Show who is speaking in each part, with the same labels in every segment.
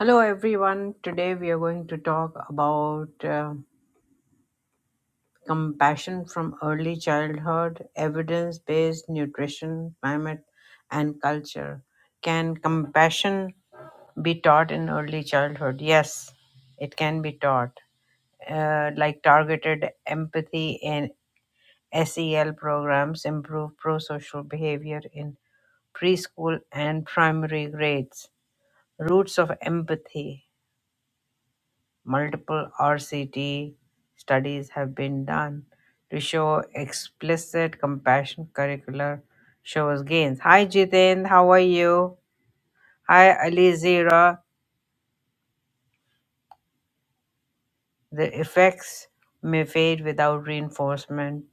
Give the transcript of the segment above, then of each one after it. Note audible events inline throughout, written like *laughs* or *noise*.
Speaker 1: Hello, everyone. Today we are going to talk about uh, compassion from early childhood, evidence based nutrition, climate, and culture. Can compassion be taught in early childhood? Yes, it can be taught. Uh, like targeted empathy and SEL programs improve pro social behavior in preschool and primary grades. Roots of empathy Multiple RCT studies have been done to show explicit compassion curricular shows gains. Hi Jiten, how are you? Hi Ali Zira. The effects may fade without reinforcement.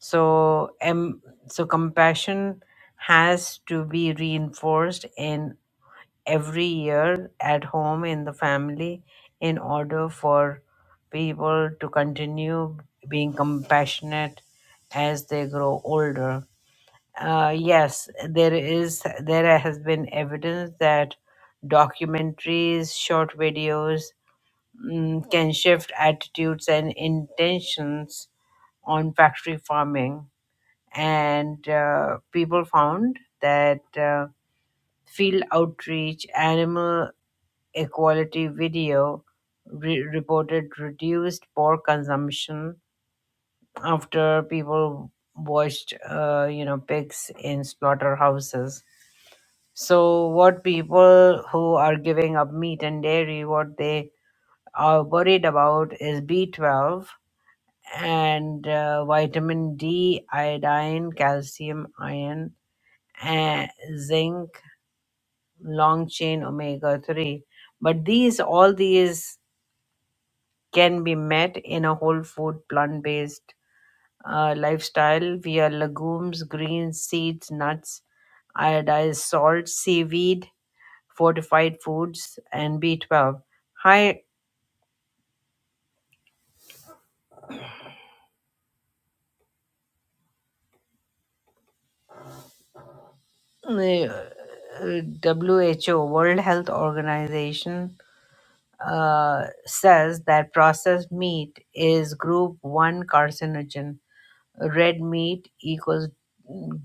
Speaker 1: So, um, so compassion has to be reinforced in. every year at home in the family in order for people to continue being compassionate as they grow older uh, yes there is there has been evidence that documentaries short videos mm, can shift attitudes and intentions on factory farming and uh, people found that uh, field outreach, animal Equality Video re- reported reduced pork consumption after people watched, uh, you know, pigs in slaughterhouses. So, what people who are giving up meat and dairy, what they are worried about is B12 and uh, vitamin D, iodine, calcium, iron, and zinc, long chain omega 3. But these, all these can be met in a whole food, plant based uh, lifestyle via legumes, greens, seeds, nuts, iodized salt, seaweed, fortified foods, and B12. High uh, WHO, World Health Organization, uh, says that processed meat is group 1 carcinogen. Red meat equals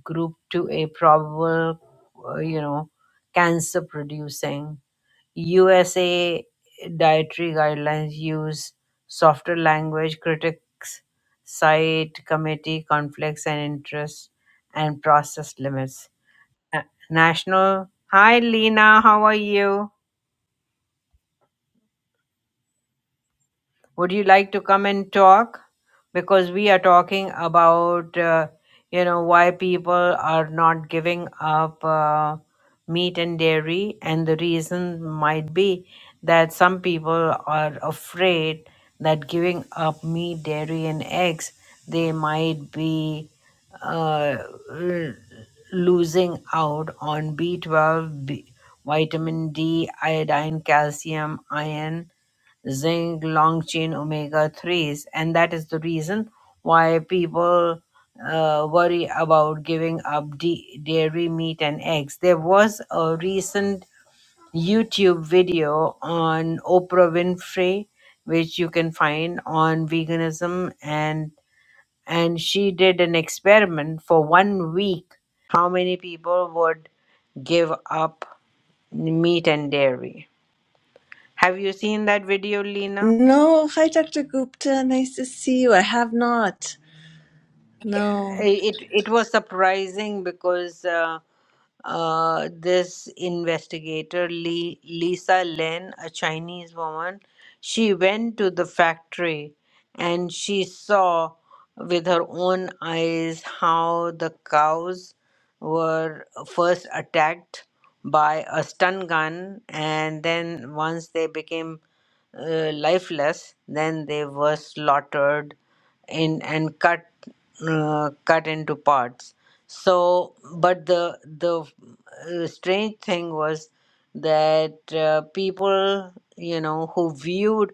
Speaker 1: group 2A probable, uh, you know, cancer producing. USA dietary guidelines use softer language, critics cite committee conflicts and interests, and process limits. Uh, National Hi Lena, how are you? Would you like to come and talk? Because we are talking about, uh, you know, why people are not giving up uh, meat and dairy, and the reason might be that some people are afraid that giving up meat, dairy, and eggs, they might be uh, l- losing out on B12, B- vitamin D, iodine, calcium, iron zinc long chain omega 3s and that is the reason why people uh, worry about giving up d- dairy meat and eggs there was a recent youtube video on oprah winfrey which you can find on veganism and and she did an experiment for one week how many people would give up meat and dairy have you seen that video lena
Speaker 2: No, hi Dr. Gupta, nice to see you. I have not. No.
Speaker 1: it it was surprising because uh, uh, this investigator Lee, Lisa Lin, a Chinese woman, she went to the factory and she saw with her own eyes how the cows were first attacked by a stun gun and then once they became uh, lifeless then they were slaughtered in and cut uh, cut into parts so but the the uh, strange thing was that uh, people you know who viewed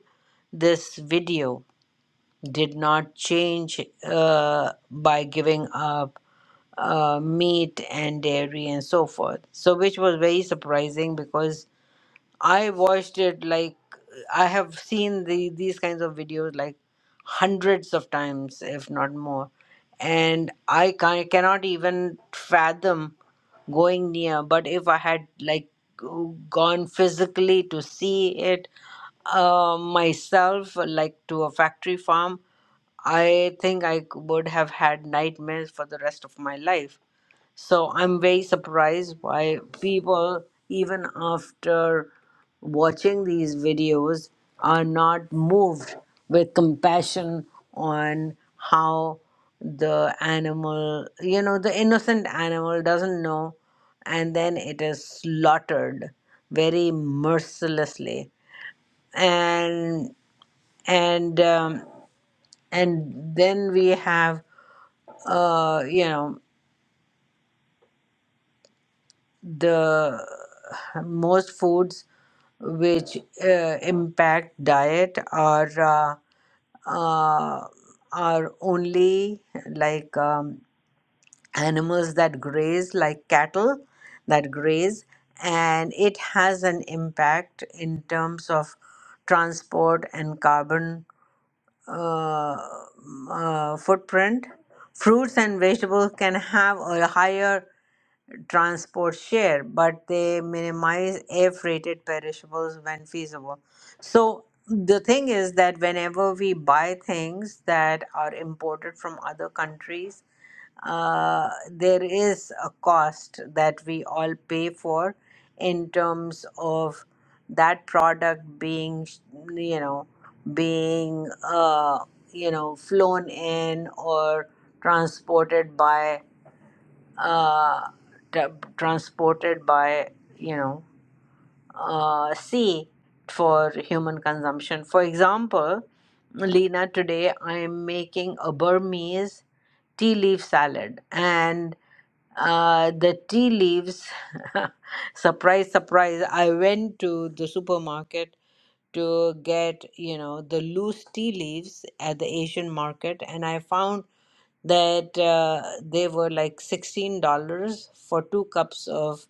Speaker 1: this video did not change uh, by giving up uh, meat and dairy and so forth so which was very surprising because I watched it like I have seen the these kinds of videos like hundreds of times, if not more, and I can, cannot even fathom going near. But if I had like go- gone physically to see it uh, myself, like to a factory farm, I think I c- would have had nightmares for the rest of my life so I'm very surprised why people, even after watching these videos, are not moved with compassion on how the animal, you know, the innocent animal doesn't know and then it is slaughtered very mercilessly and and um, and then we have uh you know the most foods which uh, impact diet are uh, uh, are only like um, animals that graze, like cattle that graze, and it has an impact in terms of transport and carbon uh, uh, footprint. Fruits and vegetables can have a higher transport share, but they minimize air freighted perishables when feasible. So the thing is that whenever we buy things that are imported from other countries, uh, there is a cost that we all pay for in terms of that product being you know being uh, you know flown in or transported by uh, tra- transported by you know uh, sea for human consumption. For example, Lena, today I am making a Burmese tea leaf salad, and uh, the tea leaves. *laughs* surprise, surprise! I went to the supermarket to get you know the loose tea leaves at the Asian market, and I found that uh, they were like $16 for two cups of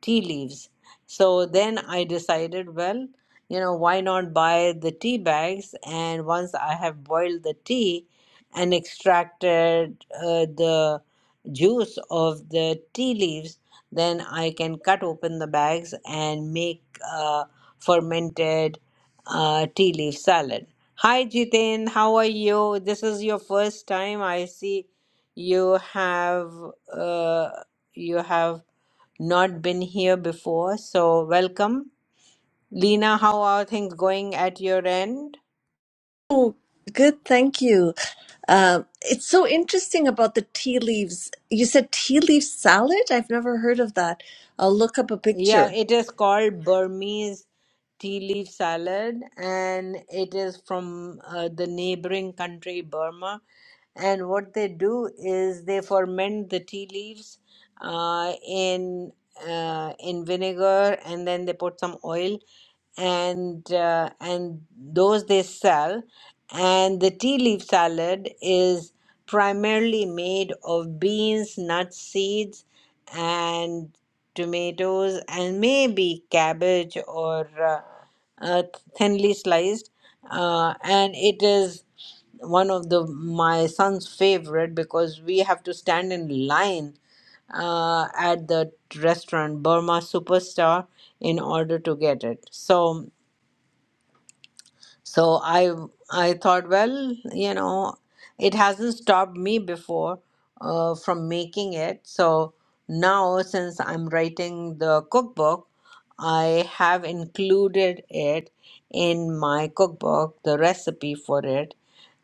Speaker 1: tea leaves. So then I decided, well, you know, why not buy the tea bags? And once I have boiled the tea and extracted uh, the juice of the tea leaves, then I can cut open the bags and make uh, fermented uh, tea leaf salad. Hi Jiten, how are you? This is your first time. I see you have uh, you have not been here before, so welcome. Lena, how are things going at your end?
Speaker 2: Oh, good, thank you. Um, it's so interesting about the tea leaves. You said tea leaf salad? I've never heard of that. I'll look up a
Speaker 1: Yeah,
Speaker 2: picture.
Speaker 1: it is called Burmese tea leaf salad, and it is from uh, the neighboring country, Burma. And what they do is they ferment the tea leaves uh, in uh, in vinegar, and then they put some oil, and uh, and those they sell. And the tea leaf salad is primarily made of beans, nuts, seeds, and tomatoes, and maybe cabbage or uh, uh, thinly sliced. Uh, and it is one of the my son's favorite because we have to stand in line uh, at the restaurant Burma Superstar in order to get it. So so I I thought, well, you know, it hasn't stopped me before uh, from making it. So now, since I'm writing the cookbook, I have included it in my cookbook, the recipe for it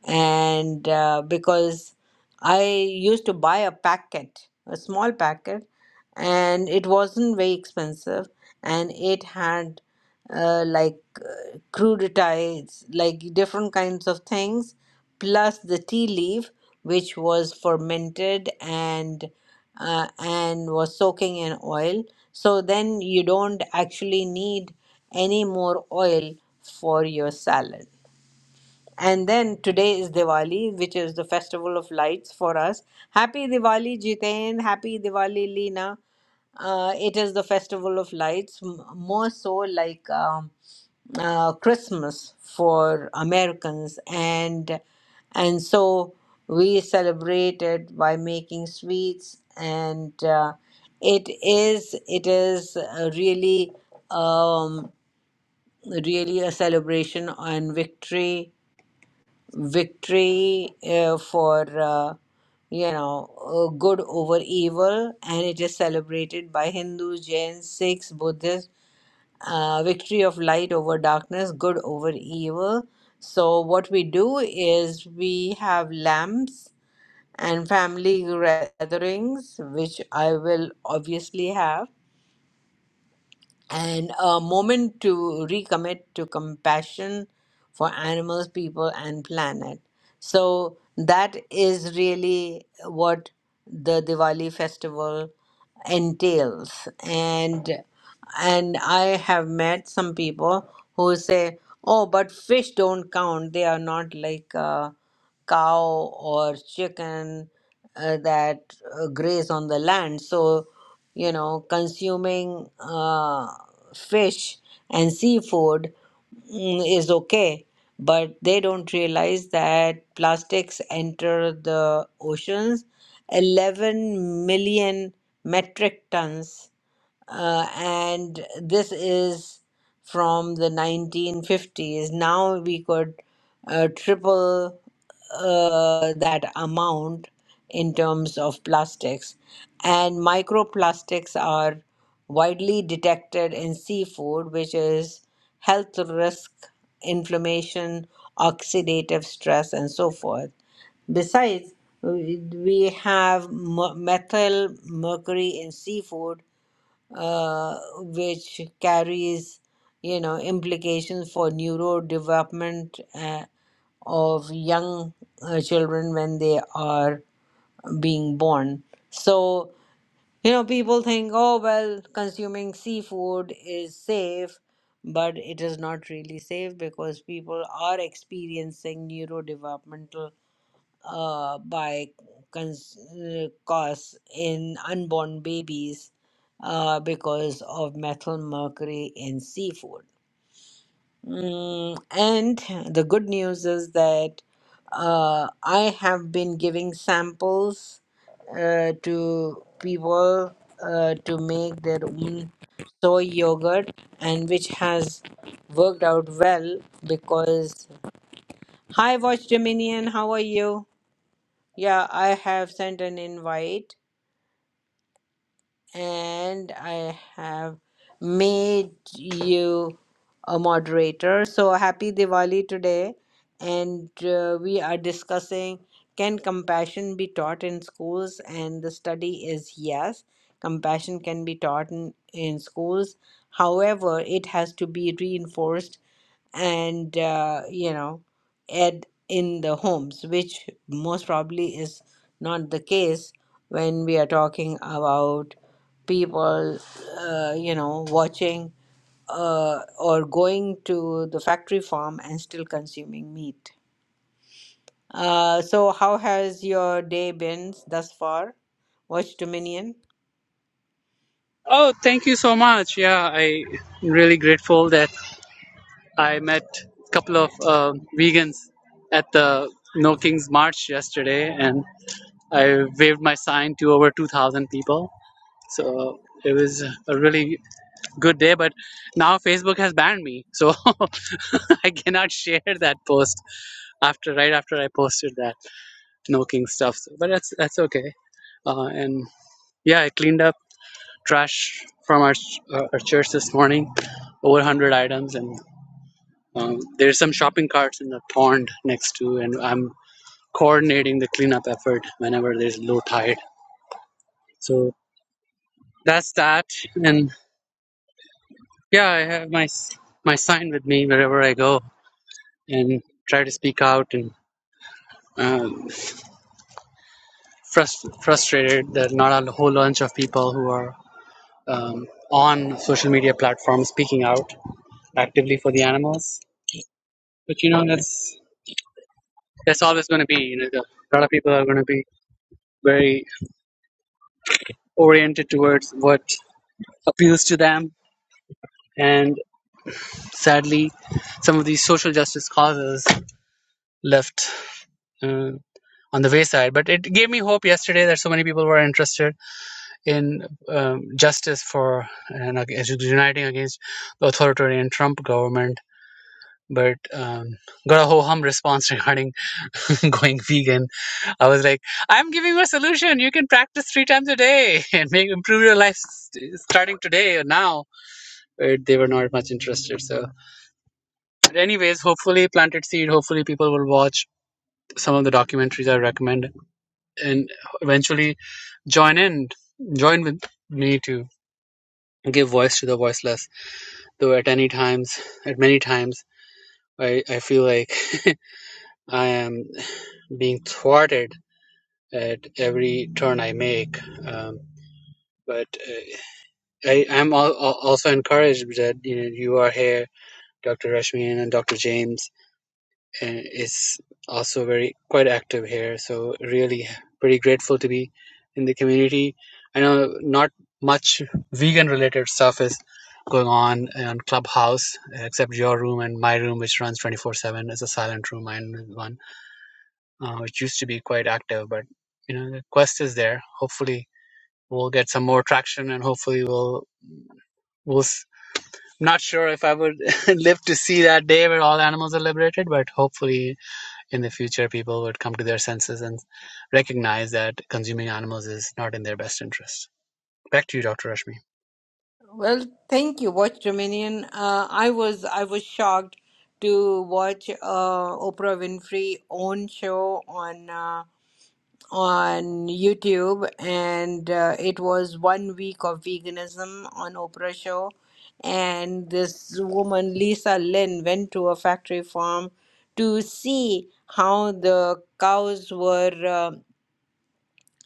Speaker 1: and uh, because I used to buy a packet, a small packet, and it wasn't very expensive, and it had uh, like uh, crudités, like different kinds of things, plus the tea leaf, which was fermented and uh, and was soaking in oil. So then you don't actually need any more oil for your salad. And then today is Diwali, which is the festival of lights for us. Happy Diwali, Jiten. Happy Diwali, Lina. Uh, it is the festival of lights, m- more so like um, uh, Christmas for Americans, and and so we celebrate it by making sweets, and uh, it is it is uh, really um, really a celebration on victory victory uh, for uh, you know uh, good over evil and it is celebrated by hindus jains sikhs buddhists uh, victory of light over darkness good over evil so what we do is we have lamps and family gatherings which i will obviously have and a moment to recommit to compassion for animals, people, and planet. So that is really what the Diwali festival entails, and and I have met some people who say, "Oh, but fish don't count. They are not like a cow or chicken uh, that uh, graze on the land. So, you know, consuming uh, fish and seafood mm, is okay, but they don't realize that plastics enter the oceans 11 million metric tons, uh, and this is from the 1950s. Now we could uh, triple uh, that amount in terms of plastics. And microplastics are widely detected in seafood, which is health risk, inflammation, oxidative stress, and so forth. Besides, we we have mer- methyl mercury in seafood uh, which carries, you know, implications for neurodevelopment uh, of young uh, children when they are being born. So, you know, people think, oh, well, consuming seafood is safe, but it is not really safe because people are experiencing neurodevelopmental uh, by cons- uh, cause in unborn babies uh, because of methyl mercury in seafood. Mm, and the good news is that uh, I have been giving samples uh, to people uh, to make their own soy yogurt, and which has worked out well because. Hi, Watch Dominion, how are you? Yeah, I have sent an invite and I have made you a moderator. So happy Diwali today. And uh, we are discussing can compassion be taught in schools? And the study is yes, compassion can be taught in, in schools. However, it has to be reinforced and uh, you know add in the homes which most probably is not the case when we are talking about people uh, you know watching uh, or going to the factory farm and still consuming meat uh, so how has your day been thus far watch dominion
Speaker 3: Oh, thank you so much. Yeah, I'm really grateful that I met a couple of um vegans at the No Kings March yesterday, and I waved my sign to over 2,000 people. So it was a really good day, but now Facebook has banned me, so *laughs* I cannot share that post after right after I posted that No King stuff. So, but that's that's okay. Uh, and yeah, I cleaned up trash from our, uh, our church this morning, over 100 items, and um, there's some shopping carts in the pond next to, and I'm coordinating the cleanup effort whenever there's low tide. So that's that, and yeah, I have my my sign with me wherever I go, and try to speak out and. Um, frust- frustrated that not a whole bunch of people who are um, on social media platforms speaking out actively for the animals. But you know, that's that's always going to be you know the, a lot of people are going to be very oriented towards what appeals to them and sadly some of these social justice causes left uh, on the wayside but it gave me hope yesterday that so many people were interested in um, justice for and ag- uniting against the authoritarian trump government but um, got a ho hum response *laughs* regarding *laughs* going vegan. I was like, I'm giving you a solution. You can practice three times a day *laughs* and make improve your life st- starting today or now. But they were not much interested. So, but anyways, hopefully, planted seed. Hopefully, people will watch some of the documentaries I recommend and eventually join in, join with me to give voice to the voiceless. Though at any times, at many times, I, I feel like *laughs* I am being thwarted at every turn I make. Um, but uh, I am al- al- also encouraged that you know you are here, Dr. Rashmi and Dr. James, and is also very quite active here. So really pretty grateful to be in the community. I know not much vegan related stuff is going on on Clubhouse except your room and my room, which runs 24/7 as a silent room, mine is one uh, which used to be quite active. But you know, the quest is there. Hopefully, we'll get some more traction, and hopefully, we'll we'll. s- I'm not sure if I would *laughs* live to see that day where all animals are liberated, but hopefully, in the future, people would come to their senses and recognize that consuming animals is not in their best interest. Back to you, Dr. Rashmi.
Speaker 1: Well, thank you, Watch Dominion. Uh, I was I was shocked to watch uh, Oprah Winfrey own show on uh, on YouTube, and uh, it was one week of veganism on Oprah show, and this woman Lisa Lynn went to a factory farm to see how the cows were. uh,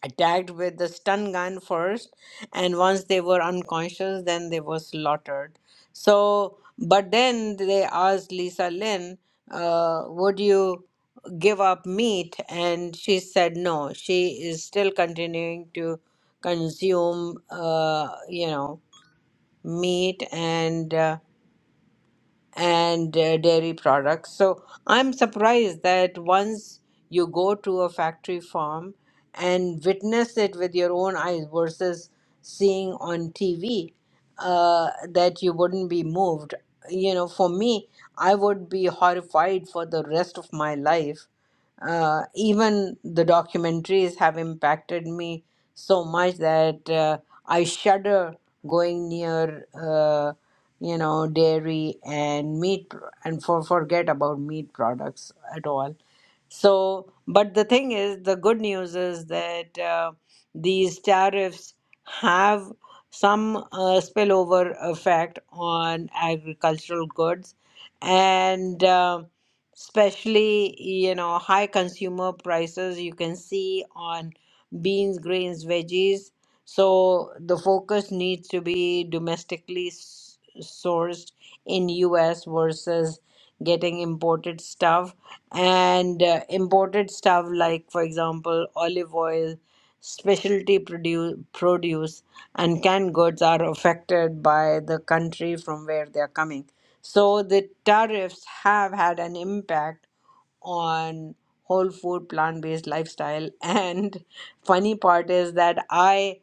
Speaker 1: attacked with the stun gun first and once they were unconscious then they were slaughtered so but then they asked lisa lynn uh, would you give up meat and she said no she is still continuing to consume uh, you know meat and uh, and uh, dairy products. So I'm surprised that once you go to a factory farm and witness it with your own eyes versus seeing on TV, uh, that you wouldn't be moved. You know, for me, I would be horrified for the rest of my life. Uh, even the documentaries have impacted me so much that uh, I shudder going near. Uh, you know dairy and meat pr- and for forget about meat products at all so but the thing is the good news is that uh, these tariffs have some uh, spillover effect on agricultural goods and uh, especially you know high consumer prices you can see on beans grains veggies so the focus needs to be domestically s- sourced in US versus getting imported stuff and uh, imported stuff like for example olive oil specialty produce, produce and canned goods are affected by the country from where they are coming so the tariffs have had an impact on whole food plant based lifestyle *laughs* and funny part is that i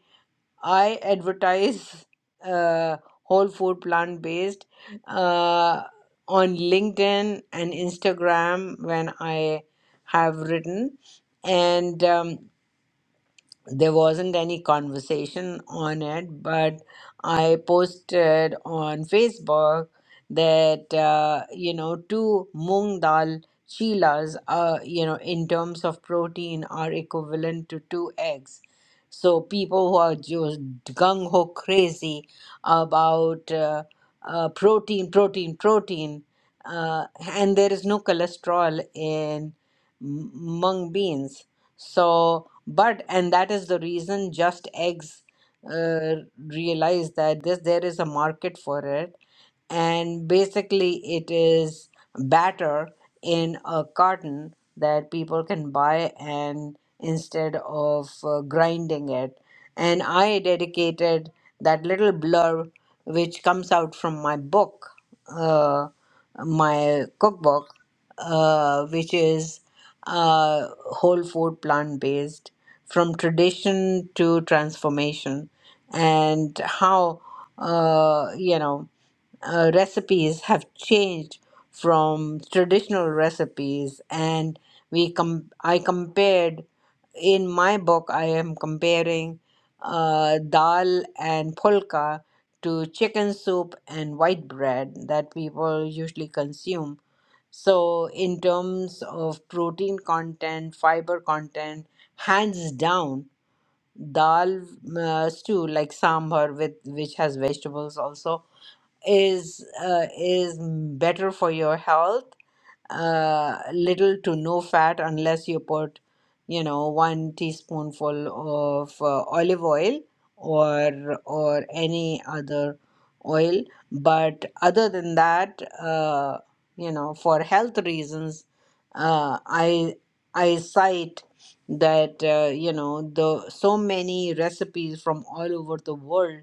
Speaker 1: I advertise uh, whole food plant based uh, on LinkedIn and Instagram when I have written. And um, there wasn't any conversation on it, but I posted on Facebook that, uh, you know, two mung dal chilas, uh, you know, in terms of protein are equivalent to two eggs. So people who are just gung ho crazy about uh, uh, protein, protein, protein, uh, and there is no cholesterol in m- mung beans. So, but and that is the reason just eggs uh, realized that this there is a market for it and basically it is batter in a carton that people can buy and instead of uh, grinding it and I dedicated that little blurb which comes out from my book, uh, my cookbook, uh, which is uh, whole food plant based from tradition to transformation, and how uh, you know uh, recipes have changed from traditional recipes and we com- i compared in my book, I am comparing uh, dal and pulka to chicken soup and white bread that people usually consume. So, in terms of protein content, fiber content, hands down, dal uh, stew like sambar with which has vegetables also is uh, is better for your health uh, little to no fat unless you put, you know, one teaspoonful of uh, olive oil or or any other oil. But other than that, uh, you know, for health reasons, uh, I I cite that uh, you know the so many recipes from all over the world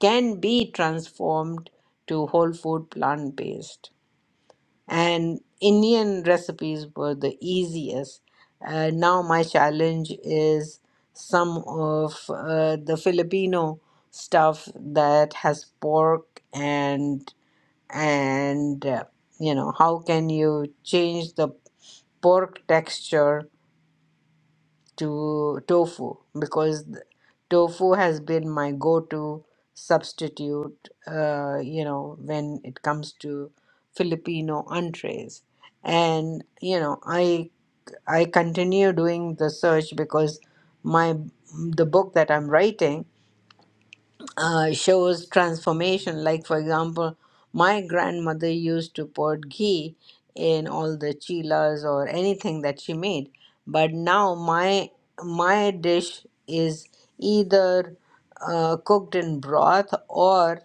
Speaker 1: can be transformed to whole food plant based and Indian recipes were the easiest. Uh, now my challenge is some of uh, the Filipino stuff that has pork and and uh, you know how can you change the pork texture to tofu because th- tofu has been my go-to substitute uh, you know when it comes to filipino entrees and you know i i continue doing the search because my the book that i'm writing uh, shows transformation. Like, for example, my grandmother used to pour ghee in all the chilas or anything that she made, but now my my dish is either uh, cooked in broth or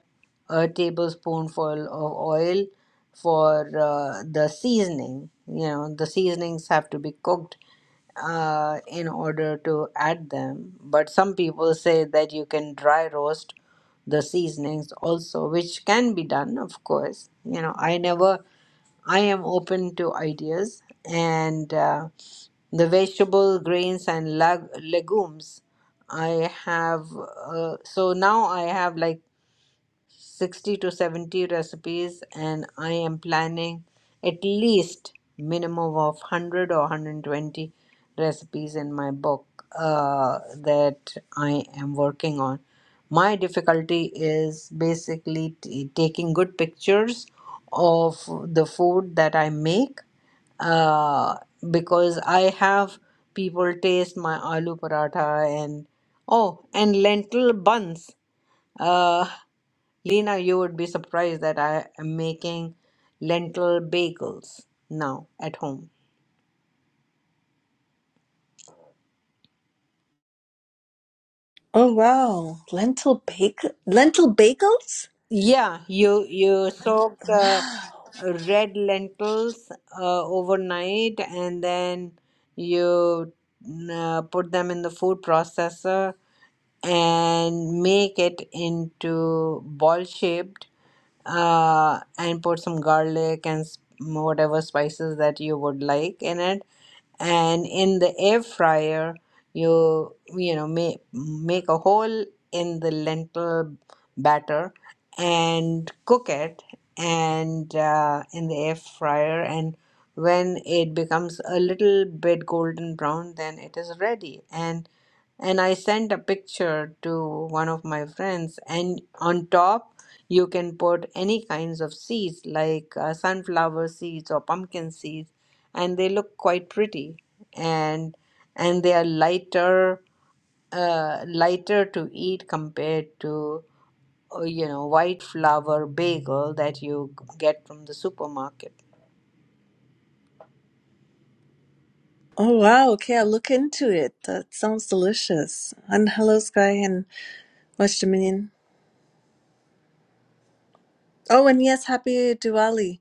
Speaker 1: a tablespoonful of oil for uh, the seasoning. You know, the seasonings have to be cooked uh, in order to add them. But some people say that you can dry roast the seasonings also, which can be done, of course. You know, I never, I am open to ideas. And uh, the vegetable, grains, and leg- legumes, I have, uh, so now I have like 60 to 70 recipes and i am planning at least minimum of 100 or 120 recipes in my book uh, that i am working on my difficulty is basically t- taking good pictures of the food that i make uh, because I have people taste my aloo paratha and oh, and lentil buns. Uh, Lena, you would be surprised that I am making lentil bagels now at home.
Speaker 2: Oh wow, lentil bagel, lentil bagels?
Speaker 1: Yeah, you you soak the red lentils uh, overnight and then you mm, uh, put them in the food processor and make it into ball shaped uh, and put some garlic and s- whatever spices that you would like in it and in the air fryer you you know make make a hole in the lentil batter and cook it and uh, in the air fryer and when it becomes a little bit golden brown then it is ready And and I sent a picture to one of my friends. And on top, you can put any kinds of seeds like uh, sunflower seeds or pumpkin seeds, and they look quite pretty. And and they are lighter, uh, lighter to eat compared to uh, you know white flour bagel that you get from the supermarket.
Speaker 2: Oh wow, okay, I'll look into it. That sounds delicious. And hello Sky and West Dominion. Oh, and yes, happy Diwali.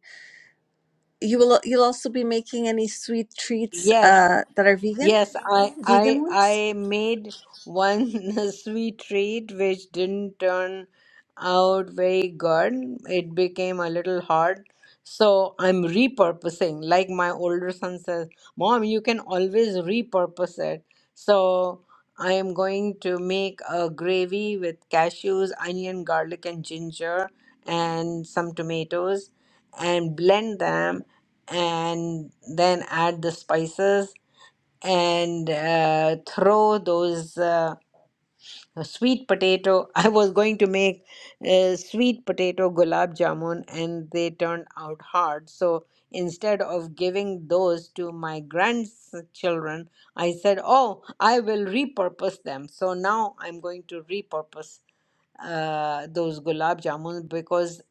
Speaker 2: You will you'll also be making any sweet treats
Speaker 1: Yes,
Speaker 2: uh that are vegan?
Speaker 1: Yes, I I
Speaker 2: Vegan ones?
Speaker 1: I made one *laughs* sweet treat which didn't turn out very good. It became a little hard. So I'm repurposing. Like my older son says, Mom, you can always repurpose it. So I am going to make a gravy with cashews, onion, garlic, and ginger, and some tomatoes, and blend them, and then add the spices and uh, throw those uh, sweet potato. *laughs* I was going to make uh, sweet potato gulab jamun, and they turned out hard. So instead of giving those to my grandchildren, I said, "Oh, I will repurpose them." So now I'm going to repurpose uh, those gulab jamun because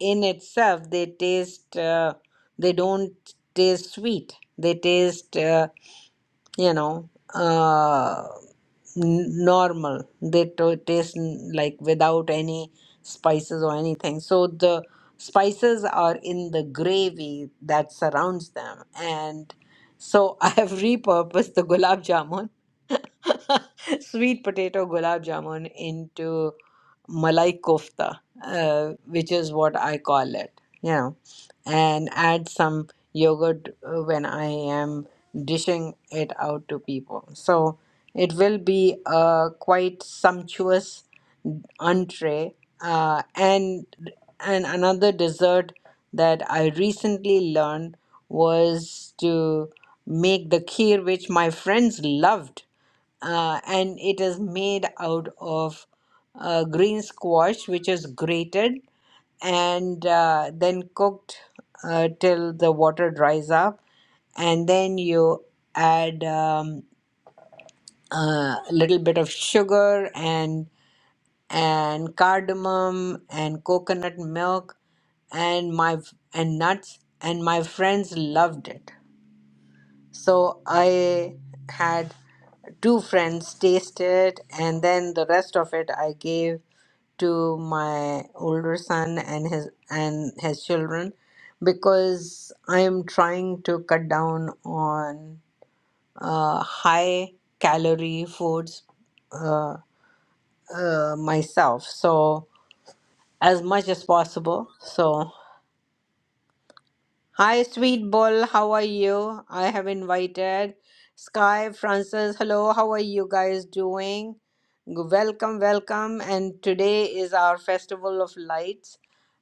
Speaker 1: in itself they taste. Uh, they don't taste sweet. They taste. Uh, you know uh, n- normal they to- taste n- like without any spices or anything so the spices are in the gravy that surrounds them and so i have *laughs* repurposed the gulab jamun *laughs* sweet potato gulab jamun into malai kofta uh, which is what i call it Yeah and add some yogurt uh, when I am dishing it out to people. So it will be a quite sumptuous entree. Uh, and and another dessert that I recently learned was to make the kheer, which my friends loved, uh, and it is made out of uh, green squash, which is grated and uh, then cooked uh, till the water dries up and then you add um, uh, a little bit of sugar and and cardamom and coconut milk and my and nuts and my friends loved it so i had two friends taste it and then the rest of it i gave to my older son and his and his children because I am trying to cut down on uh, high calorie foods uh, uh, myself so as much as possible so Hi, Sweet Bull. How are you? I have invited Sky, Francis. Hello, how are you guys doing? Welcome, welcome. And today is our Festival of Lights.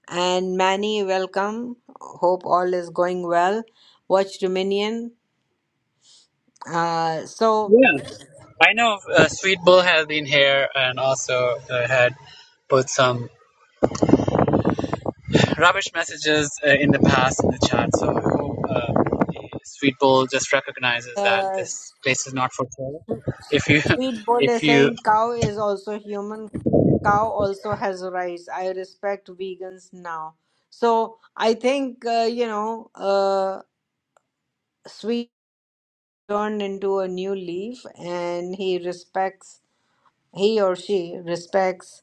Speaker 1: And Manny, welcome. Hope all is going well. Watch Dominion. Uh, so,
Speaker 3: Yeah, I know uh, Sweet Bull has been here and also uh, had put some rubbish messages uh, in the past in the chat. So I hope uh, Sweetbull just recognizes that
Speaker 1: uh,
Speaker 3: this place is not for sale. If you,
Speaker 1: Sweet
Speaker 3: *laughs*
Speaker 1: Bull
Speaker 3: if
Speaker 1: is
Speaker 3: you,
Speaker 1: saying cow is also human. Cow also has rights. I respect vegans now. So I think uh, you know. Uh, Sweet turned into a new leaf, and he respects he or she respects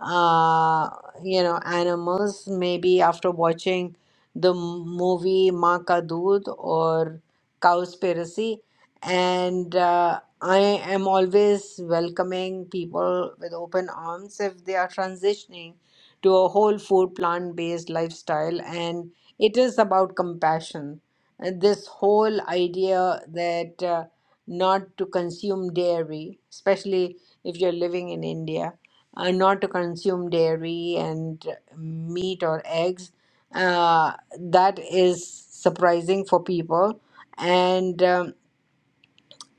Speaker 1: uh you know animals maybe after watching the m- movie Maa Ka Doodh or Cowspiracy and uh, I am always welcoming people with open arms if they are transitioning to a whole food plant based lifestyle and it is about compassion and this whole idea that uh, not to consume dairy especially if you're living in India, uh, not to consume dairy and meat or eggs. Uh, that is surprising for people. And um,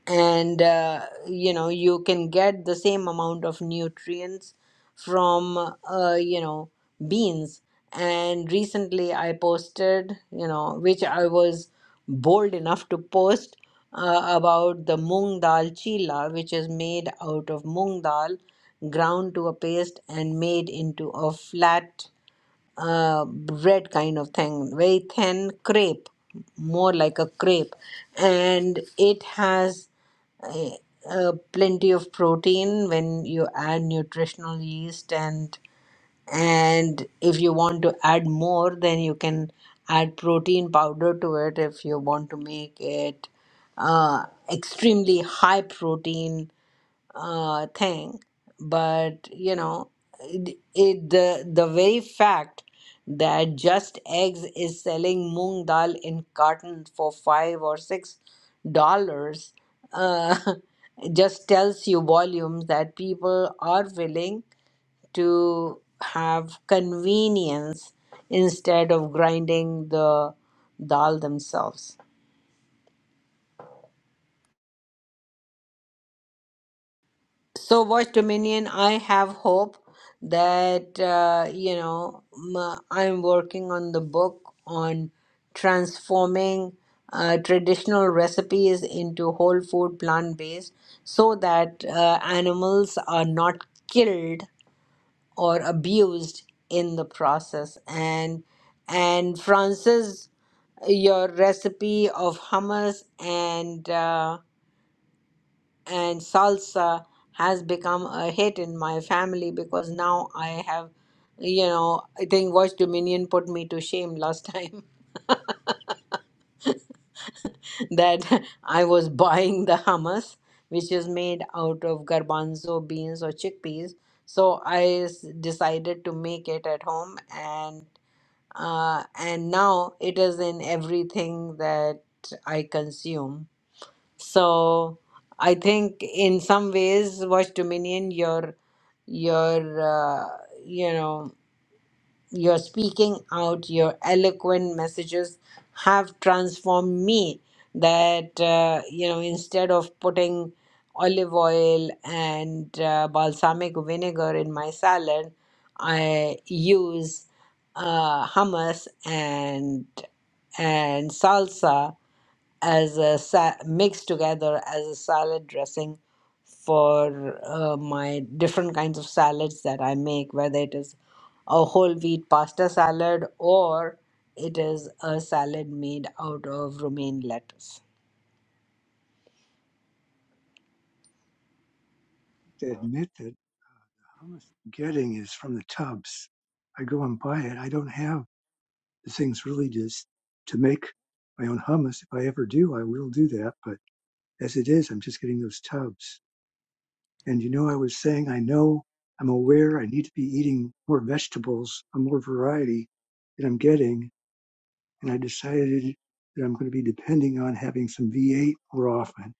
Speaker 1: and uh, you know you can get the same amount of nutrients from uh, you know beans and recently i posted you know which i was bold enough to post uh, about the moong dal chila which is made out of moong dal ground to a paste and made into a flat uh, bread kind of thing very thin crepe more like a crepe and it has uh, plenty of protein when you add nutritional yeast and and if you want to add more then you can add protein powder to it if you want to make it uh, extremely high protein uh, thing. But you know, it, it the the very fact that Just Eggs is selling moong dal in cartons for five or six dollars uh, *laughs* just tells you volumes that people are willing to have convenience instead of grinding the dal themselves. So, Voice Dominion, I have hope that, uh, you know, m- I'm working on the book on transforming uh, traditional recipes into whole food plant based so that uh, animals are not killed or abused in the process. And, and Francis, your recipe of hummus and uh, and salsa has become a hit in my family because now I have, you know, I think Watch Dominion put me to shame last time *laughs* that I was buying the hummus, which is made out of garbanzo beans or chickpeas. So I s- decided to make it at home, and uh, and now it is in everything that I consume. So I think in some ways, Watch Dominion, you're you're uh, you know you're speaking out your eloquent messages have transformed me that uh, you know instead of putting olive oil and uh, balsamic vinegar in my salad i use uh, hummus and and salsa as a sa- mixed together as a salad dressing for uh, my different kinds of salads that I make, whether it is a whole wheat pasta salad or it is a salad made out of romaine lettuce.
Speaker 4: to admit that all I'm getting is from the tubs. I go and buy it. I don't have the things really just to make my own hummus. If I ever do, I will do that. But as it is, I'm just getting those tubs. And you know, I was saying, I know, I'm aware I need to be eating more vegetables, uh, more variety that I'm getting. And I decided that I'm going to be depending on having some V8 more often.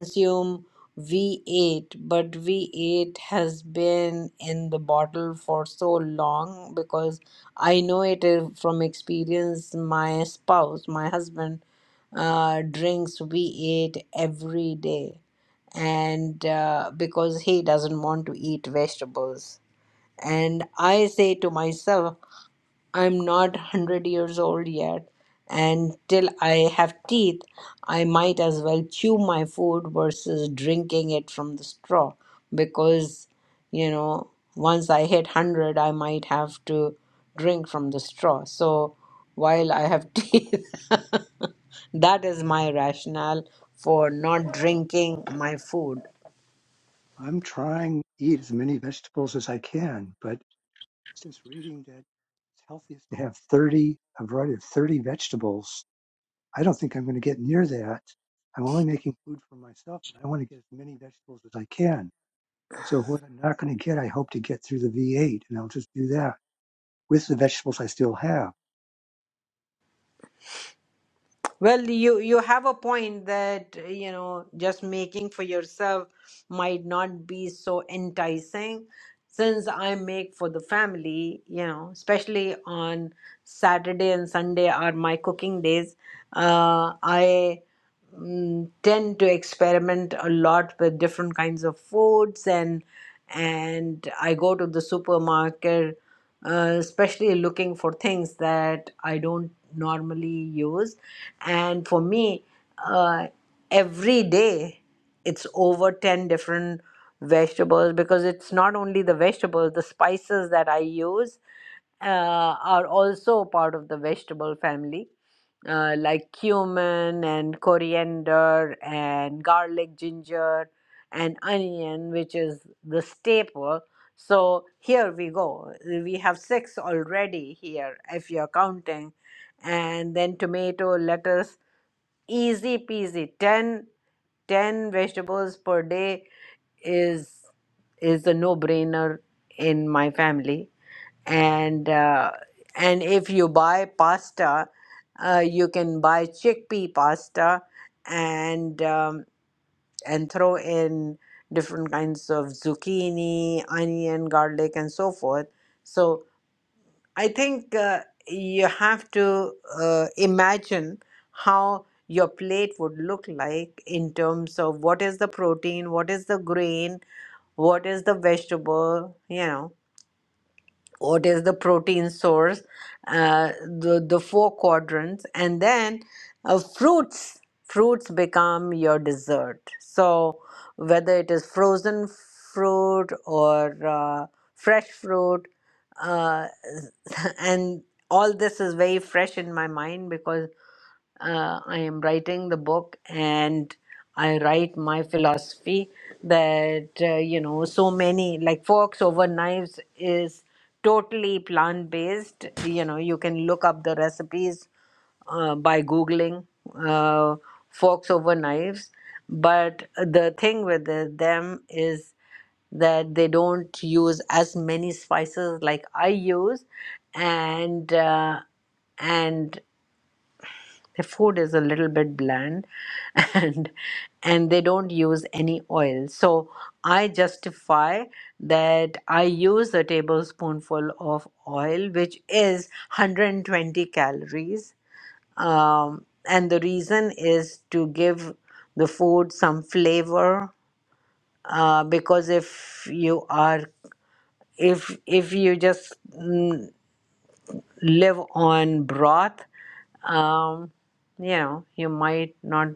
Speaker 1: consume V8, but V8 has been in the bottle for so long because I know it is from experience. My spouse, my husband, uh, drinks V8 every day, and uh, because he doesn't want to eat vegetables. And I say to myself, I'm not 100 years old yet, and till I have teeth, I might as well chew my food versus drinking it from the straw because, you know, once I hit 100, I might have to drink from the straw. So while I have *laughs* teeth, that is my rationale for not drinking my food.
Speaker 4: I'm trying to eat as many vegetables as I can, but Just reading that it's healthiest to have 30, a variety of 30 vegetables. I don't think I'm going to get near that. I'm only making food for myself and I want to get as many vegetables as I can. So what I'm not going to get, I hope to get through the V8 and I'll just do that with the vegetables I still have.
Speaker 1: Well, you you have a point that uh, you know just making for yourself might not be so enticing since I make for the family, you know, especially on Saturday and Sunday are my cooking days. Uh, I mm, tend to experiment a lot with different kinds of foods and and I go to the supermarket uh, especially looking for things that I don't normally use and for me uh, every day it's over 10 different vegetables because it's not only the vegetables the spices that I use uh, are also part of the vegetable family uh, like cumin and coriander and garlic, ginger, and onion, which is the staple. So here we go. We have six already here, if you're counting. And then tomato, lettuce, easy peasy. 10, 10 vegetables per day is is a no brainer in my family and uh, and if you buy pasta uh, you can buy chickpea pasta and um, and throw in different kinds of zucchini onion garlic and so forth so i think uh, you have to uh, imagine how your plate would look like in terms of what is the protein what is the grain what is the vegetable you know what is the protein source, uh, the, the four quadrants, and then uh, fruits. Fruits become your dessert. So, whether it is frozen fruit or uh, fresh fruit, uh, *laughs* and all this is very fresh in my mind because uh, I am writing the book and I write my philosophy that, uh, you know, so many, like Forks Over Knives is totally plant based. You know, you can look up the recipes uh, by Googling uh, Forks Over Knives. But the thing with the- them is that they don't use as many spices like I use. And, uh, and their food is a little bit bland *laughs* and and they don't use any oil. So I justify that I use a tablespoonful of oil, which is 120 calories. Um, and the reason is to give the food some flavor uh, because if you are if if you just mm, live on broth um, you know you might not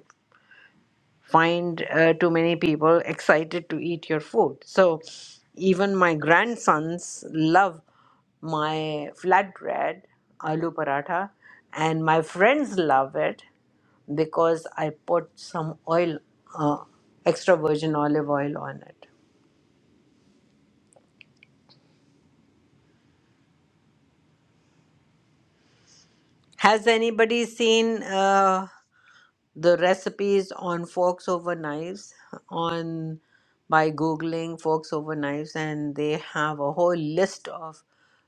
Speaker 1: find uh, too many people excited to eat your food. So even my grandsons love my flatbread, aloo paratha, and my friends love it because I put some oil, uh, extra virgin olive oil on it. Has anybody seen? Uh, the recipes on forks over knives on by googling forks over knives and they have a whole list of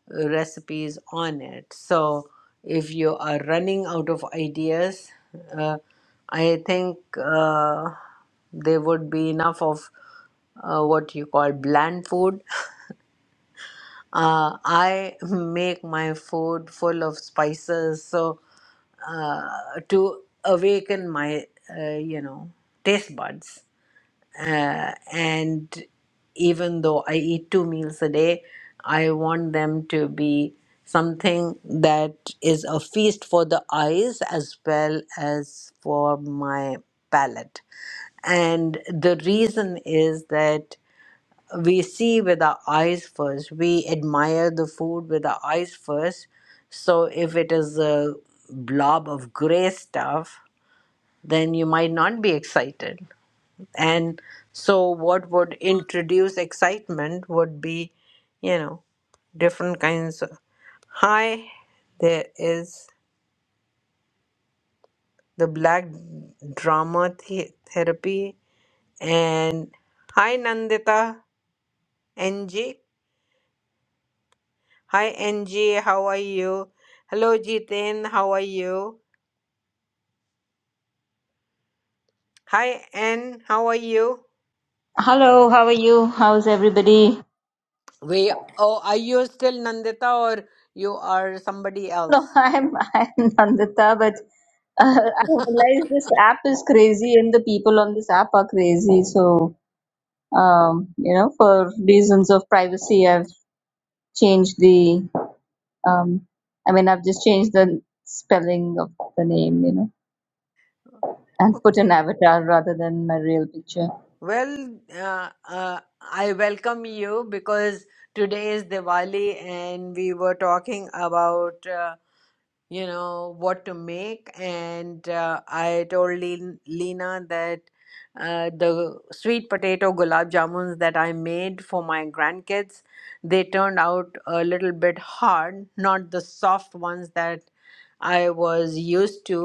Speaker 1: recipes on it so if you are running out of ideas uh, i think uh, there would be enough of uh, what you call bland food *laughs* uh, i make my food full of spices so uh, to awaken my uh, you know taste buds uh, and even though i eat two meals a day i want them to be something that is a feast for the eyes as well as for my palate and the reason is that we see with our eyes first we admire the food with our eyes first so if it is a blob of gray stuff then you might not be excited and so what would introduce excitement would be you know different kinds of hi there is the black drama the- therapy and hi nandita ng Hi NG, how are you? Hello Jiten, how are you? Hi N, how are you?
Speaker 5: Hello, how are you? How's everybody?
Speaker 1: We, oh, are you still Nandita or you are somebody
Speaker 5: No, *laughs*
Speaker 1: else?
Speaker 5: I'm I'm Nandita, but *laughs* uh, I realize this app is crazy and the people on this app are crazy. So, um, you know, for reasons of privacy, I've changed the um, I mean, I've just changed the spelling of the name, you know, and put an avatar rather than my real picture.
Speaker 1: Well, uh, uh, I welcome you because today is Diwali and we were talking about uh, you know what to make and uh, i told Lin- lena that uh, the sweet potato gulab jamuns that i made for my grandkids they turned out a little bit hard not the soft ones that i was used to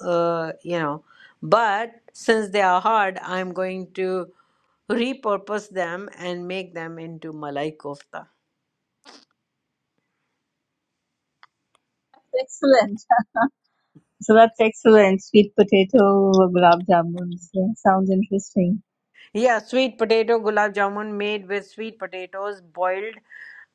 Speaker 1: uh, you know but since they are hard i'm going to repurpose them and make them into malai kofta
Speaker 5: Excellent. So that's excellent. Sweet potato, gulab jamuns. Yeah, sounds interesting.
Speaker 1: Yeah, sweet potato gulab jamun made with sweet potatoes, boiled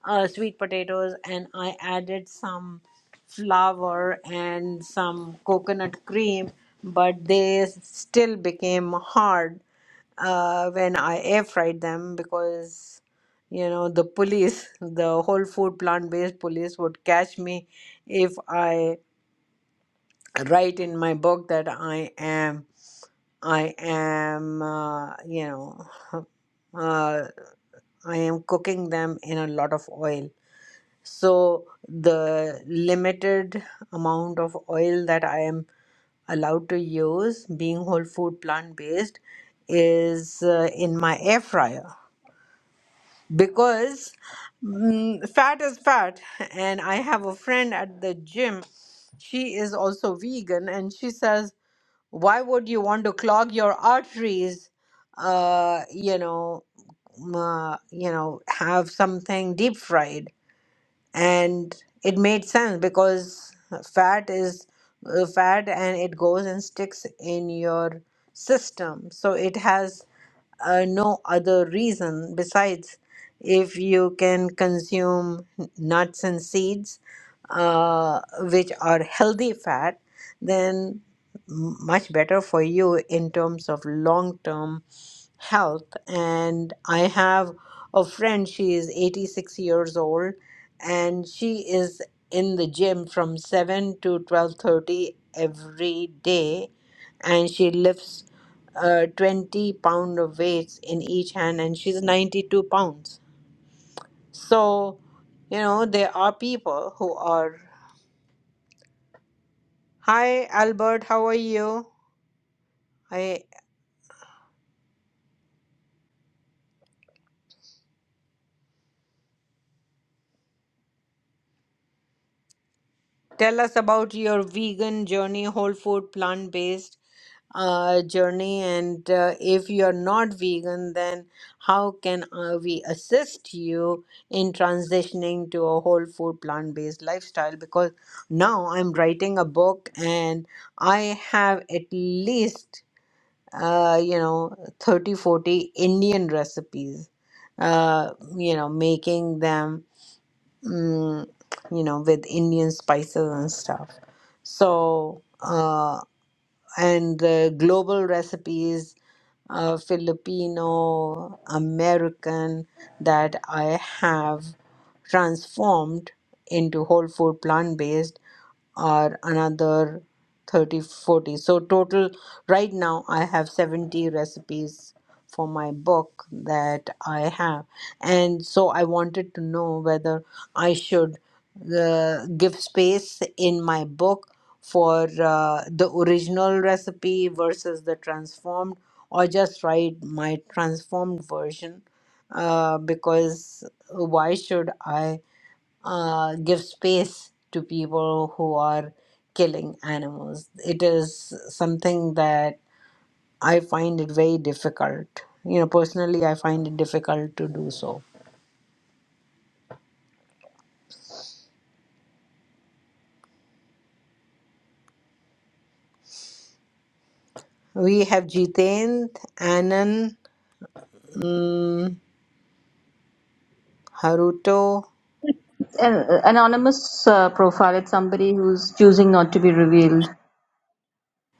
Speaker 1: uh, sweet potatoes, and I added some flour and some coconut cream, but they still became hard uh, when I air fried them because, you know, the police, *laughs* the whole food plant based police would catch me if I write in my book that I am. I am, uh, you know, *laughs* uh, I am cooking them in a lot of oil. So the limited amount of oil that I am allowed to use, being whole food plant based, is uh, in my air fryer because mm, fat is fat. And I have a friend at the gym. She is also vegan, and she says why would you want to clog your arteries? Uh, you know, uh, you know, have something deep fried and it made sense because fat is uh, fat and it goes and sticks in your system so it has uh, no other reason besides if you can consume nuts and seeds uh, which are healthy fat then m- much better for you in terms of long term health and i have a friend she is 86 years old and she is in the gym from 7 to 12:30 every day and she lifts uh, 20 pound of weights in each hand and she's 92 pounds so you know there are people who are hi albert how are you i tell us about your vegan journey whole food plant based uh, journey and uh, if you're not vegan then how can uh, we assist you in transitioning to a whole food plant-based lifestyle because now i'm writing a book and i have at least uh, you know 30, 40 indian recipes uh, you know making them mm, you know with indian spices and stuff so uh, and the global recipes, uh, Filipino, American, that I have transformed into whole food plant based are another 30 40. so total right now i have 70 recipes for my book that I have. And so I wanted to know whether I should uh, give space in my book for uh, the original recipe versus the transformed, or just write my transformed version. Uh, because why should I uh, give space to people who are killing animals? It is something that I find it very difficult. You know, personally, I find it difficult to do so. We have Jitendra, Anand, Haruto,
Speaker 5: an anonymous uh, profile. It's somebody who's choosing not to be revealed.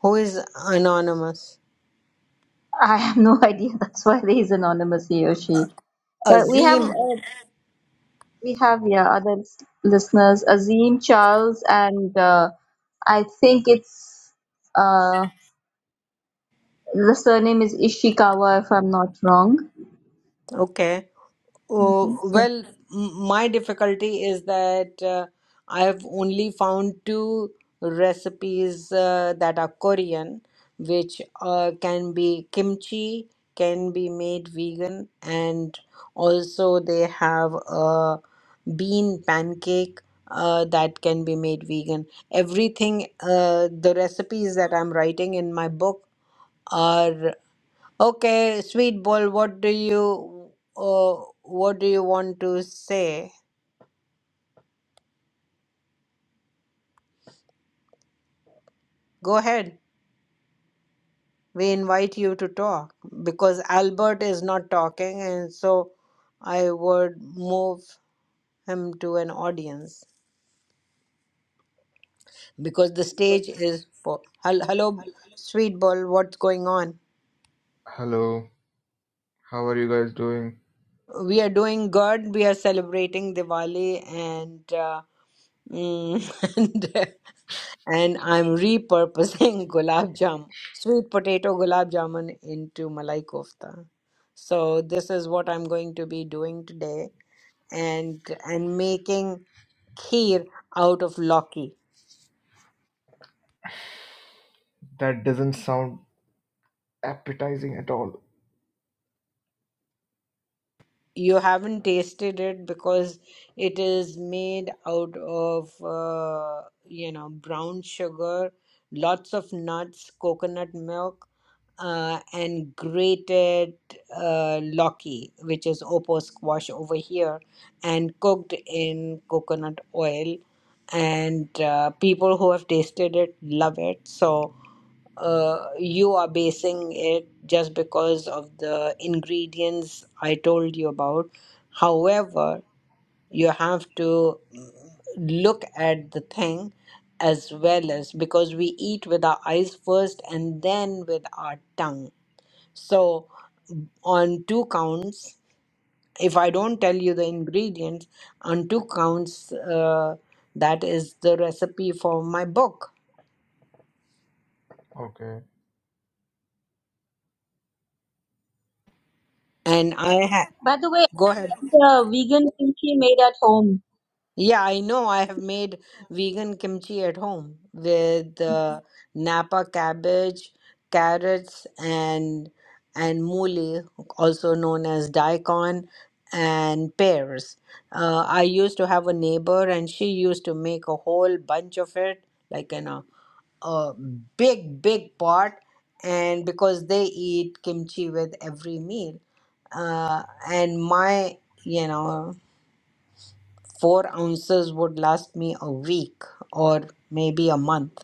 Speaker 1: who is anonymous.
Speaker 5: I have no *laughs* idea. That's why he's anonymous, he or she. But we have
Speaker 1: Azim,
Speaker 5: uh, we have yeah other s- listeners, Azim, Charles, and uh, I think it's uh, the surname is Ishikawa, if I'm not wrong.
Speaker 1: okay.
Speaker 5: hmm
Speaker 1: Oh,
Speaker 5: So,
Speaker 1: well, m- my difficulty is that uh, I have only found two recipes uh, that are Korean, which uh, can be kimchi, can be made vegan, and also they have uh, bean pancake uh, that can be made vegan. Everything, uh, the recipes that I'm writing in my book are okay. Sweet ball, what do you, uh, what do you want to say? Go ahead. We invite you to talk because Albert is not talking, and so I would move him to an audience because the stage is for. Hel- Hello, sweet ball. What's going on?
Speaker 6: Hello, how are you guys doing?
Speaker 1: we are doing good. We are celebrating Diwali, and uh, mm, *laughs* and and I'm repurposing *laughs* gulab jam, sweet potato gulab jamun into malai kofta. So this is what I'm going to be doing today, and and making kheer out of lauki.
Speaker 6: That doesn't sound appetizing at all.
Speaker 1: you haven't tasted it because it is made out of uh, you know brown sugar lots of nuts coconut milk uh, and grated uh, loki which is opo squash over here and cooked in coconut oil and uh, people who have tasted it love it so uh, you are basing it just because of the ingredients I told you about. However, you have to mm, look at the thing as well as because we eat with our eyes first and then with our tongue. So, on two counts, if I don't tell you the ingredients, on two counts, uh, that is the recipe for my book.
Speaker 6: Okay.
Speaker 1: And I ha-
Speaker 5: by the way,
Speaker 1: go ahead.
Speaker 5: the vegan kimchi made at home.
Speaker 1: Yeah, I know. I have made vegan kimchi at home with uh, Napa cabbage, carrots, and and mooli, also known as daikon, and pears. Uh, I used to have a neighbor, and she used to make a whole bunch of it, like in a, a big, big pot. And because they eat kimchi with every meal, uh, and my, you know four ounces would last me a week or maybe a month.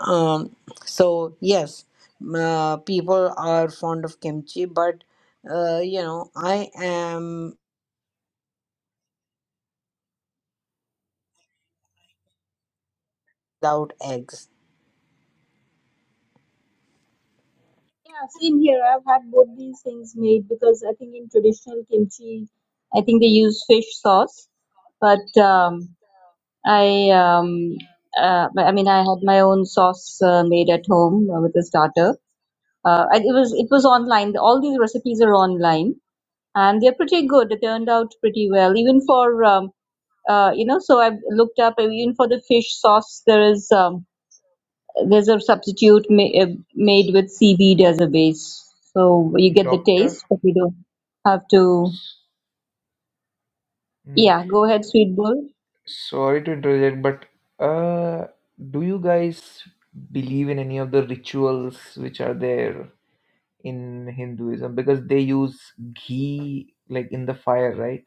Speaker 1: Um, so yes, m- uh, people are fond of kimchi, but uh, you know, I am without eggs.
Speaker 5: Yeah, same here. I've had both these things made because I think in traditional kimchi, I think they use fish sauce. But um, I, um, uh, I mean, I had my own sauce uh, made at home uh, with a starter. Uh, and it was it was online. All these recipes are online, and they're pretty good. They turned out pretty well, even for um, uh, you know. So I've looked up uh, even for the fish sauce. There is. Um, there's a substitute ma- uh, made with seaweed as a base. So you get the
Speaker 6: Doctor?
Speaker 5: taste, but you don't have to.
Speaker 6: S- mm,
Speaker 5: Yeah, go ahead, sweet bull.
Speaker 6: Sorry to interject, but uh, do you guys believe in any of the rituals which are there in Hinduism? Because they use ghee like in the fire, right?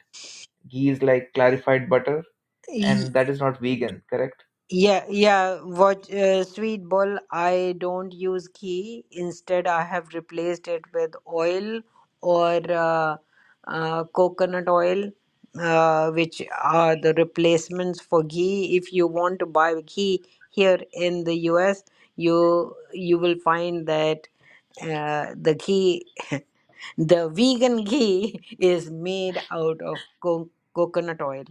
Speaker 6: Ghee is like clarified butter,
Speaker 1: E,
Speaker 6: and that is not vegan, correct?
Speaker 1: Yeah, yeah. What uh, sweet ball? I don't use ghee. Instead, I have replaced it with oil or uh, uh, coconut oil, uh, which are the replacements for ghee. If you want to buy ghee here in the US, you you will find that uh, the ghee, *laughs* the vegan ghee, *laughs* is made out of co coconut oil.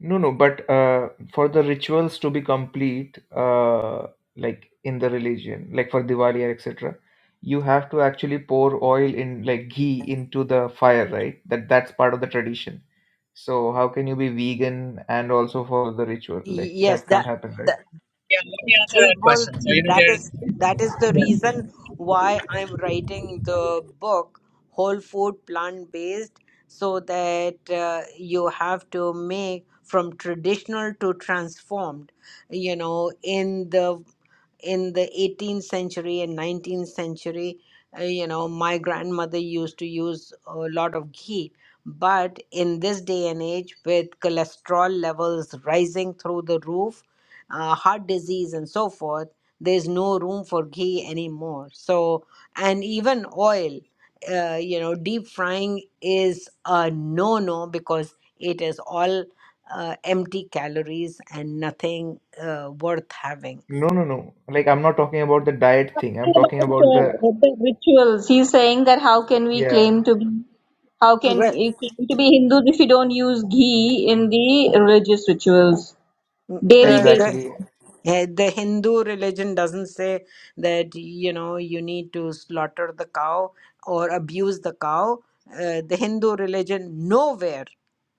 Speaker 6: No, no, but uh, for the rituals to be complete, uh, like in the religion, like for Diwali or etc., you have to actually pour oil in, like ghee, into the fire, right? That that's part of the tradition. So how can you be vegan and also follow the ritual?
Speaker 1: Y-
Speaker 6: Like
Speaker 1: Yes,
Speaker 6: that
Speaker 1: that.
Speaker 6: can't happen, right?
Speaker 3: yeah, let me answer
Speaker 1: Sweet
Speaker 3: that
Speaker 1: Bol,
Speaker 3: question. So you know,
Speaker 1: that is
Speaker 3: there's
Speaker 1: that is the
Speaker 3: at
Speaker 1: reason why I'm writing the book Whole Food Plant Based, so that uh, you have to make from traditional to transformed. You know, in the in the 18th century and 19th century, uh, you know, my grandmother used to use a lot of ghee. But in this day and age, with cholesterol levels rising through the roof, uh, heart disease and so forth there's no room for ghee anymore so and even oil uh, you know deep frying is a no no because it is all uh, empty calories and nothing uh, worth having
Speaker 6: No, no, no. Like I'm not talking about the diet thing. I'm talking
Speaker 5: About
Speaker 6: about
Speaker 5: uh,
Speaker 6: the
Speaker 5: the rituals, he's saying that how can we
Speaker 6: yeah,
Speaker 5: claim to be how can
Speaker 1: Well,
Speaker 5: you claim to be Hindus if you don't use ghee in the religious rituals? Dairy
Speaker 1: uh,
Speaker 5: based
Speaker 1: the
Speaker 6: exactly.
Speaker 1: Eh, the Hindu religion doesn't say that you know you need to slaughter the cow or abuse the cow. Uh, the Hindu religion nowhere,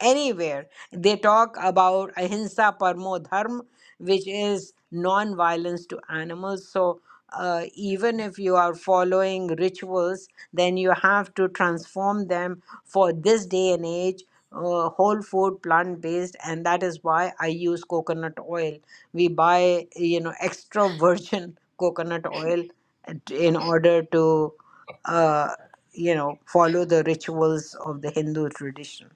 Speaker 1: anywhere they talk about ahimsa parmo dharma, which is non-violence to animals. So uh, even if you are following rituals, then you have to transform them for this day and age uh, whole food plant based and that is why i use coconut oil we buy you know extra virgin *laughs* coconut oil at- in order to uh, you know follow the rituals of the hindu tradition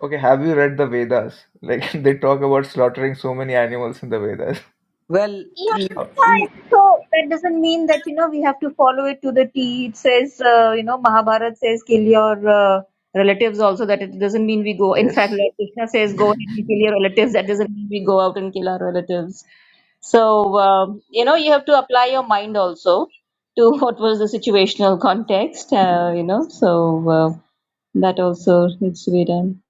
Speaker 6: Okay, have you read the Vedas? Like *laughs* they talk about slaughtering so many animals in the Vedas. *laughs*
Speaker 1: well
Speaker 5: Yeah,
Speaker 1: l-
Speaker 6: Uh,
Speaker 5: fine. So that doesn't mean that you know we have to follow it to the T. It says uh, you know Mahabharat says kill your uh, relatives also. That it doesn't mean we go. In fact,
Speaker 6: yes.
Speaker 5: Lord Krishna says go ahead and kill your relatives. That doesn't mean we go out and kill our relatives. So um, you know you have to apply your mind also to *laughs* what was the situational context. Uh, you know, so uh, that also needs to be done.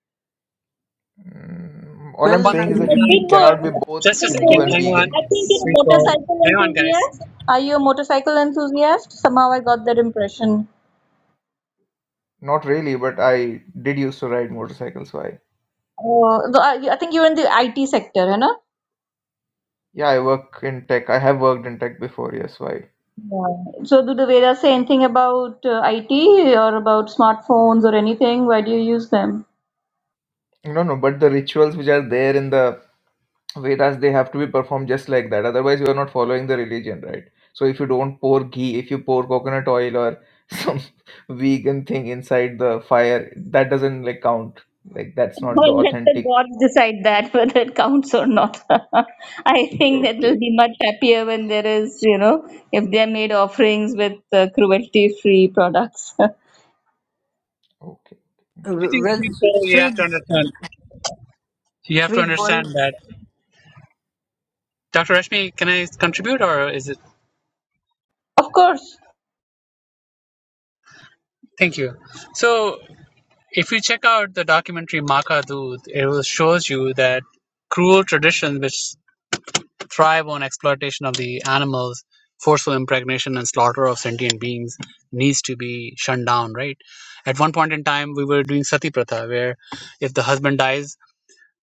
Speaker 6: Mm, all I'm
Speaker 1: well
Speaker 3: one
Speaker 6: saying
Speaker 3: point
Speaker 6: is
Speaker 1: Nan-
Speaker 6: that
Speaker 3: in
Speaker 5: Uh,
Speaker 6: you
Speaker 3: time.
Speaker 6: cannot be
Speaker 5: Pitbull,
Speaker 6: both
Speaker 3: Just a
Speaker 6: Hindu
Speaker 3: second,
Speaker 6: and
Speaker 5: Pitbull,
Speaker 3: hang on,
Speaker 6: vegan.
Speaker 5: I think you're a
Speaker 3: Sweetbull.
Speaker 5: motorcycle
Speaker 3: Hang on, guys.
Speaker 5: enthusiast. Are you a motorcycle enthusiast? Somehow I got that impression.
Speaker 6: Not really, but I did used to ride motorcycles. Why?
Speaker 5: Oh, so, Uh, I I think you're in the IT sector, है ना?
Speaker 6: Yeah, I work in tech. I have worked in tech before. Yes, why?
Speaker 5: Yeah. So do the Vedas say anything about uh, IT or about smartphones or anything? Why do you use them?
Speaker 6: No, no, but the rituals which are there in the Vedas they have to be performed just like that. Otherwise, you are not following the religion, right? So if you don't pour ghee, if you pour coconut oil or *laughs* some vegan thing inside the fire, that doesn't like count. Like that's
Speaker 5: *laughs*
Speaker 6: not the
Speaker 5: Well, let the
Speaker 6: authentic.
Speaker 5: gods decide that *laughs* whether it counts or not. *laughs* I think that
Speaker 6: Okay.
Speaker 5: they'll
Speaker 6: Okay.
Speaker 5: be much happier when there is, you know, if they're made offerings with uh, cruelty-free products. *laughs*
Speaker 6: okay.
Speaker 3: I
Speaker 6: Interesting.
Speaker 3: think
Speaker 1: well
Speaker 3: Sweetbull, you have
Speaker 1: sweet
Speaker 3: to understand. You have to
Speaker 1: sweet boy
Speaker 3: understand that. Dr. Rashmi, can I contribute or is it?
Speaker 5: Of course,
Speaker 3: Thank you. So, if you check out the documentary Maka Dood, it will shows you that cruel traditions which thrive on exploitation of the animals, forceful impregnation and slaughter of sentient beings needs to be shunned down, right? At one point in time, we were doing sati pratha, where if the husband dies,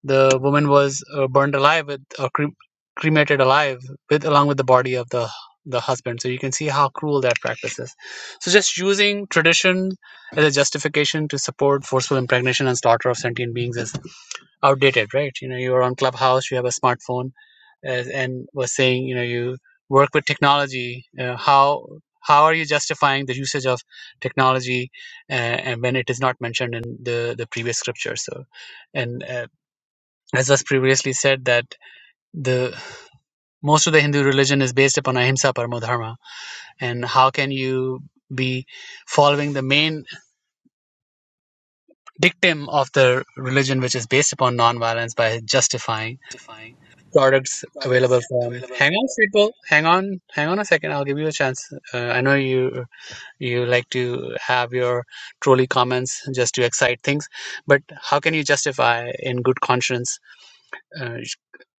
Speaker 3: the woman was uh, burned alive with, or cre- cremated alive with, along with the body of the the husband. So you can see how cruel that practice is. So just using tradition as a justification to support forceful impregnation and slaughter of sentient beings is outdated, right? You know, you're on Clubhouse, you have a smartphone, as and was saying, you know, you work with technology. Uh, how how are you justifying the usage of technology, uh, and when it is not mentioned in the the previous scripture? So, and uh, as was previously said, that the most of the Hindu religion is based upon ahimsa paramo dharma, and how can you be following the main dictum of the religion, which is based upon nonviolence, by justifying? products available from. Hang on, people. Hang on. Hang on a second. I'll give you a chance. Uh, I know you you like to have your trolley comments just to excite things, but how can you justify in good conscience uh,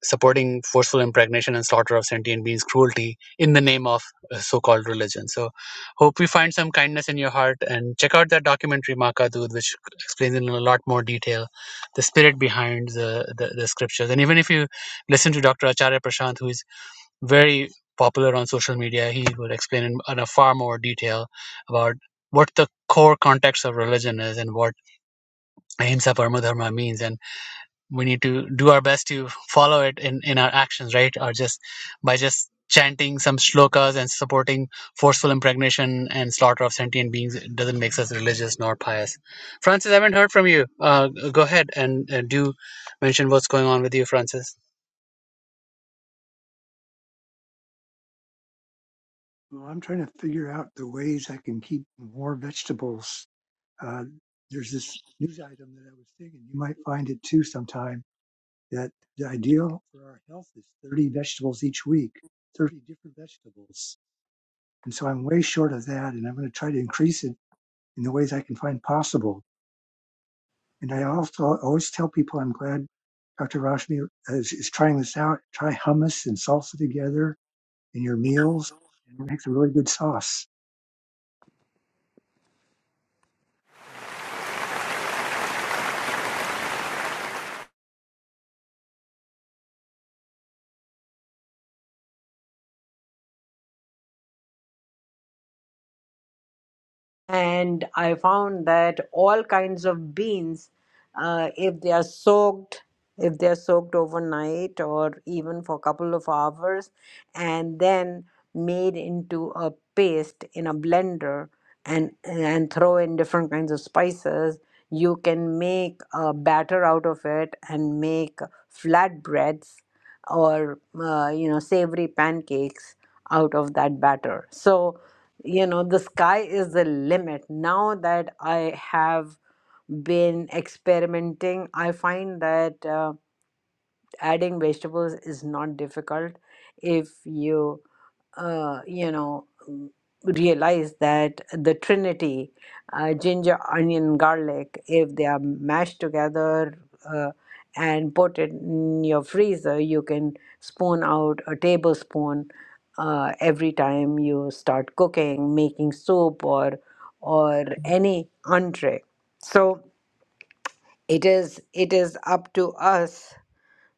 Speaker 3: supporting forceful impregnation and slaughter of sentient beings, cruelty in the name of uh, so-called religion. So, hope you find some kindness in your heart and check out that documentary Makadud, which explains in a lot more detail the spirit behind the, the the scriptures. And even if you listen to Dr. Acharya Prashant, who is very popular on social media, he will explain in, in a far more detail about what the core context of religion is and what ahimsa parama dharma means and we need to do our best to follow it in, in our actions, right? Or just by just chanting some shlokas and supporting forceful impregnation and slaughter of sentient beings it doesn't make us religious nor pious. Francis, I haven't heard from you. Uh, go ahead and uh, do mention what's going on with you, Francis.
Speaker 4: Well, I'm trying to figure out the ways I can keep more vegetables. Uh, there's this news item that I was thinking you might find it too sometime that the ideal for our health is 30 vegetables each week, 30 different vegetables. And so I'm way short of that, and I'm going to try to increase it in the ways I can find possible. And I also always tell people I'm glad Dr. Roshni is, is trying this out. Try hummus and salsa together in your meals, and it makes a really good sauce.
Speaker 1: and I found that all kinds of beans, uh, if they are soaked, if they are soaked overnight or even for a couple of hours, and then made into a paste in a blender and and throw in different kinds of spices, you can make a batter out of it and make flatbreads or uh, you know savory pancakes out of that batter so you know the sky is the limit now that i have been experimenting i find that uh, adding vegetables is not difficult if you uh, you know, mm, realize that the Trinity, uh, ginger, onion, garlic, if they are mashed together uh, and put it in your freezer, you can spoon out a tablespoon uh, every time you start cooking, making soup, or or any entree. So it is it is up to us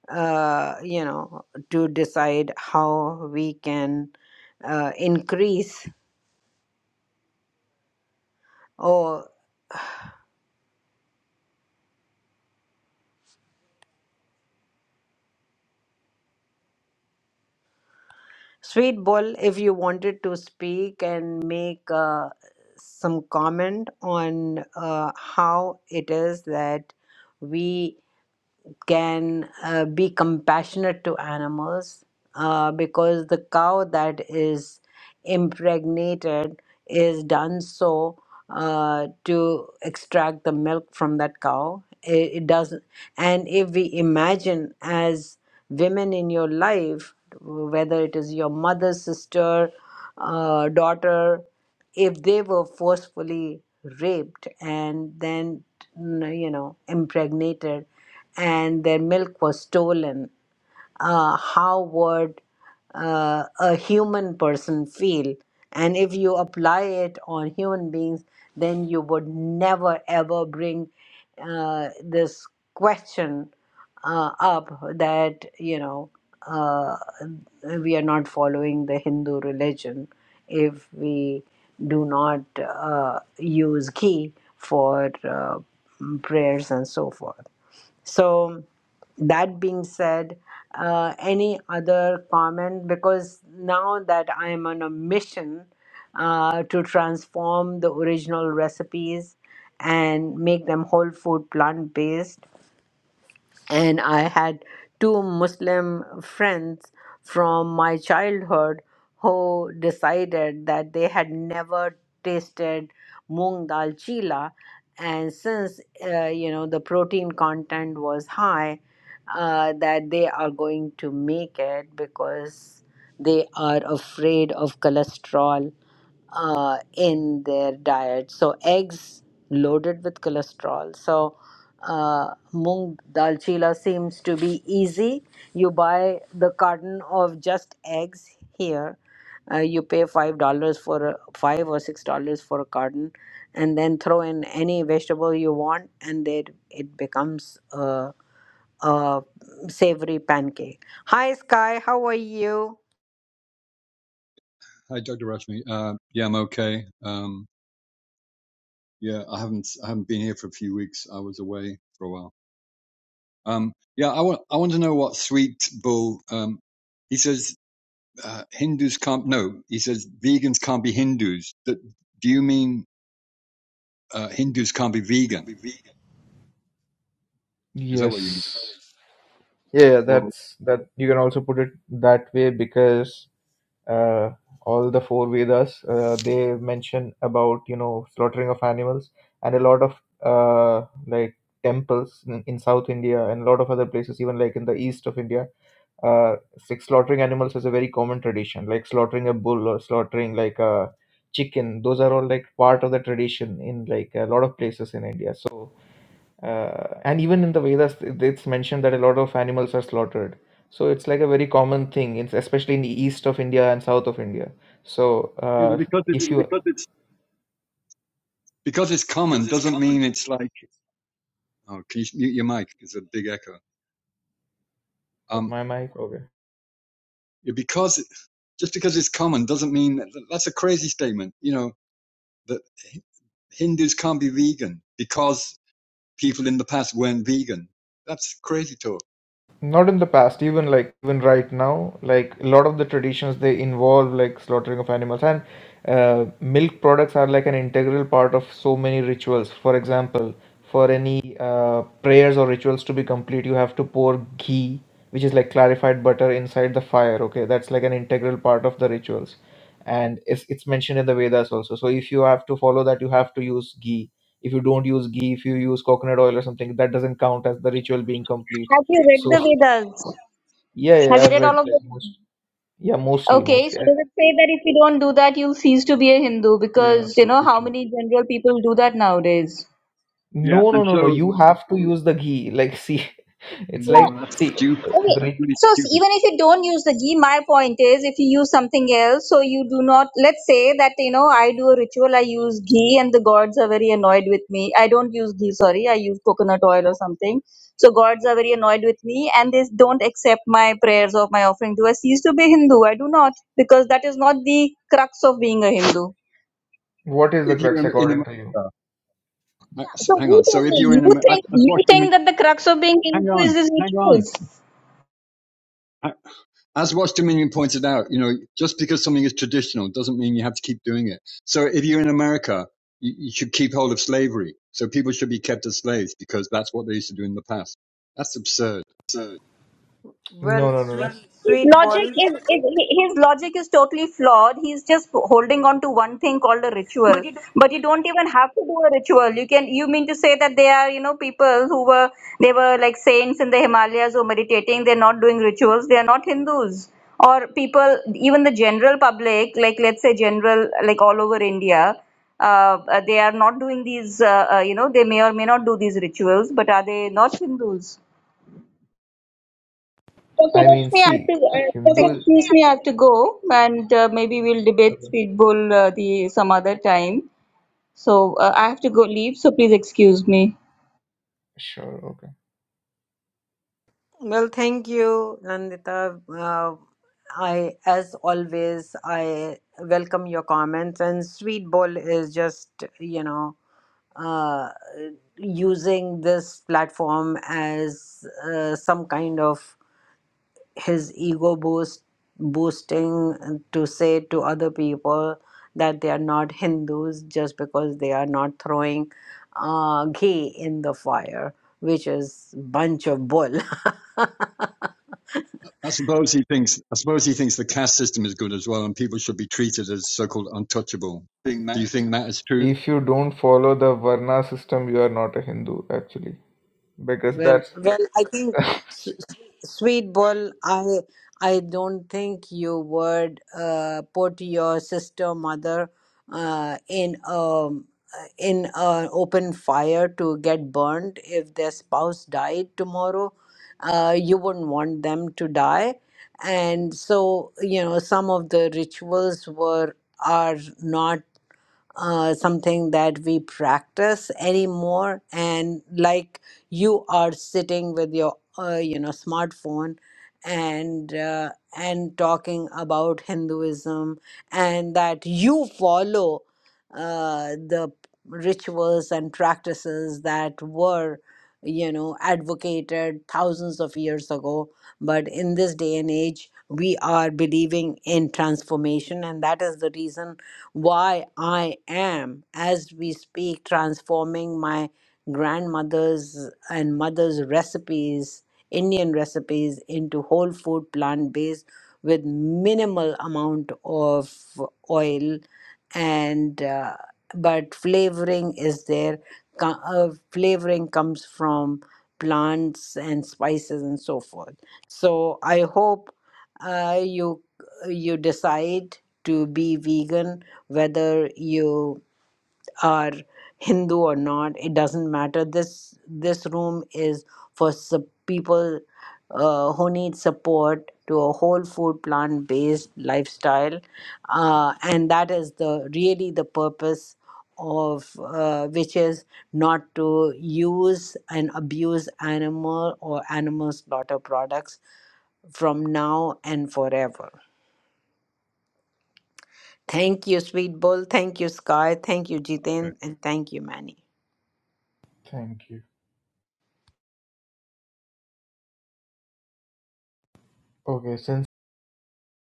Speaker 1: uh, you know, to decide how we can uh, increase. Oh, Sweet Bull, if you wanted to speak and make uh, some comment on uh, how it is that we can uh, be compassionate to animals uh, because the cow that is impregnated is done so uh, to extract the milk from that cow. It, it doesn't, and if we imagine as women in your life, whether it is your mother, sister, uh, daughter if they were forcefully raped and then mm, you know impregnated and their milk was stolen uh, how would uh, a human person feel and if you apply it on human beings then you would never ever bring uh, this question uh, up that you know uh, we are not following the Hindu religion if we do not uh, use ghee for uh, prayers and so forth. So that being said, uh, any other comment? Because now that I am on a mission uh, to transform the original recipes and make them whole food plant based and I had two Muslim friends from my childhood who decided that they had never tasted moong dal chila, and since uh, you know the protein content was high, uh, that they are going to make it because they are afraid of cholesterol uh, in their diet. So eggs loaded with cholesterol. So uh, mung dal chila seems to be easy. You buy the carton of just eggs here. Uh, you pay five dollars for a, five or six dollars for a carton, and then throw in any vegetable you want, and it it becomes a, a savory pancake. Hi, Sky. How are you?
Speaker 7: Hi, Dr. Rashmi. Uh, yeah, I'm okay. Um, yeah, I haven't I haven't been here for a few weeks. I was away for a while. Um, yeah, I want I want to know what Sweet Bull. Um, he says uh, Hindus can't. No, he says vegans can't be Hindus. That, do you mean uh, Hindus can't be vegan? Is that what you mean?
Speaker 6: Yes. Yeah, yeah,
Speaker 7: Well,
Speaker 6: that's that you can also put it that way because uh, all the four Vedas uh, they mention about you know slaughtering of animals and a lot of uh, like temples in, in South India and a lot of other places even like in the east of India uh, like slaughtering animals is a very common tradition like slaughtering a bull or slaughtering like a chicken those are all like part of the tradition in like a lot of places in India so uh, and even in the Vedas, it- it's mentioned that a lot of animals are slaughtered. So it's like a very common thing, it's especially in the east of India and south of India. So
Speaker 7: yeah, but
Speaker 6: uh,
Speaker 7: because
Speaker 6: if
Speaker 7: it's
Speaker 6: you,
Speaker 7: because it's common doesn't mean it's like. Oh, can you mute your mic? It's a big echo.
Speaker 6: what
Speaker 7: Um,
Speaker 6: my mic? Okay.
Speaker 7: yeah, because it, just because it's common doesn't mean that's a crazy statement. You know that Hindus can't be vegan because people in the past weren't vegan. That's crazy talk.
Speaker 6: Not in the past, even like even right now, like a lot of the traditions they involve like slaughtering of animals and uh, milk products are like an integral part of so many rituals. For example, for any uh, prayers or rituals to be complete, you have to pour ghee, which is like clarified butter, inside the fire. Okay, that's like an integral part of the rituals, and it's it's mentioned in the Vedas also. So if you have to follow that, you have to use ghee. If you don't use ghee, if you use coconut oil or something, that doesn't count as the ritual being complete.
Speaker 5: Have you read
Speaker 6: So
Speaker 5: the Vedas?
Speaker 6: yeah,
Speaker 5: Have
Speaker 6: yeah,
Speaker 5: you
Speaker 6: I've
Speaker 5: read
Speaker 6: read
Speaker 5: all of
Speaker 6: like
Speaker 5: them?
Speaker 6: most. Yeah, mostly,
Speaker 5: Okay,
Speaker 6: mostly.
Speaker 5: so
Speaker 6: I-
Speaker 5: does it say that if you don't do that, you'll cease to be a Hindu?
Speaker 7: Yeah, that's
Speaker 5: Because, you know, how
Speaker 7: ridiculous.
Speaker 5: many general people do that nowadays?
Speaker 7: Yeah,
Speaker 6: No,
Speaker 7: and
Speaker 6: no, no, no.
Speaker 7: so
Speaker 6: You have to use the ghee. Like, see, *laughs* it's
Speaker 5: No,
Speaker 6: like,
Speaker 7: no, that's
Speaker 6: see,
Speaker 7: stupid.
Speaker 6: uh,
Speaker 5: Okay.
Speaker 6: the
Speaker 7: That's
Speaker 6: re-
Speaker 7: really
Speaker 5: So s-
Speaker 7: stupid.
Speaker 5: even if you don't use the ghee, my point is if you use something else, so you do not, let's say that, you know, I do a ritual, I use ghee and the gods are very annoyed with me. I don't use ghee, sorry, I use coconut oil or something. So gods are very annoyed with me and they don't accept my prayers or my offering. Do I cease to be Hindu? I do not because that is not the crux of being a Hindu.
Speaker 6: what is the
Speaker 7: If you're
Speaker 6: crux
Speaker 7: in
Speaker 6: according
Speaker 7: America,
Speaker 6: to you?
Speaker 7: uh, so,
Speaker 5: So
Speaker 7: hang on.
Speaker 5: you
Speaker 7: So
Speaker 5: tell
Speaker 7: if
Speaker 5: me,
Speaker 7: you're
Speaker 5: you
Speaker 7: in America, as
Speaker 5: think,
Speaker 7: as
Speaker 5: you
Speaker 7: Washington,
Speaker 5: think that the crux of being
Speaker 7: hang
Speaker 5: Hindu is
Speaker 7: on,
Speaker 5: these
Speaker 7: hang on.
Speaker 5: rituals?
Speaker 7: Uh, As Watch Dominion pointed out, you know, just because something is traditional doesn't mean you have to keep doing it. So if you're in America, you, you should keep hold of slavery. So people should be kept as slaves because that's what they used to do in the past. That's absurd.
Speaker 6: No,
Speaker 1: Well,
Speaker 6: no, no, no.
Speaker 1: sweet
Speaker 5: His
Speaker 1: sweet
Speaker 5: logic
Speaker 1: ball.
Speaker 5: is, is his logic is totally flawed. He's just holding on to one thing called a ritual. But you don't even have to do a ritual. You can you mean to say that they are you know people who were they were like saints in the Himalayas who were meditating. They're not doing rituals. They are not Hindus or people even the general public like let's say general like all over India. Uh, uh, they are not doing these, uh, uh, you know, they may or may not do these rituals, but are they not Hindus? Okay,
Speaker 6: I mean,
Speaker 5: Rashmi, I have to,
Speaker 6: see, a
Speaker 5: uh, please
Speaker 6: Hindu is
Speaker 5: excuse me, I have to go, and uh, maybe we'll debate
Speaker 6: okay.
Speaker 5: speedball uh, the some other time. So uh, I have to go leave, so please excuse me.
Speaker 6: Sure, okay.
Speaker 1: Well, thank you, Nandita. Uh, I, as always, I welcome your comments. And Sweet Bowl is just, you know, uh, using this platform as uh, some kind of his ego boost, boosting to say to other people that they are not Hindus just because they are not throwing uh, ghee in the fire, which is bunch of bull. *laughs*
Speaker 7: I suppose he thinks. I suppose he thinks the caste system is good as well, and people should be treated as so-called untouchable. Do you think that is true?
Speaker 6: If you don't follow the Varna system, you are not a Hindu, actually, because
Speaker 1: Well,
Speaker 6: that's.
Speaker 1: well, I think s- s- sweet ball. I I don't think you would uh, put your sister mother uh, in a in an open fire to get burned if their spouse died tomorrow. Uh, you wouldn't want them to die, and so you know some of the rituals were are not uh, something that we practice anymore. And like you are sitting with your, uh, you know, smartphone and uh, and talking about Hinduism and that you follow uh, the rituals and practices that were you know advocated thousands of years ago but in this day and age we are believing in transformation and that is the reason why I am, as we speak, transforming my grandmother's and mother's recipes, Indian recipes, into whole food plant based with minimal amount of oil and uh, but flavoring is there co- uh, flavoring comes from plants and spices and so forth so i hope uh, you you decide to be vegan whether you are Hindu or not, it doesn't matter. This this room is for sup- people uh, who need support to a whole food plant based lifestyle, uh, and that is the really the purpose of uh, which is not to use and abuse animal or animal slaughter products from now and forever Thank you, Sweet Bull. Thank you, Sky. Thank you, Jiten. And thank you, Manny.
Speaker 6: Thank you. Okay, since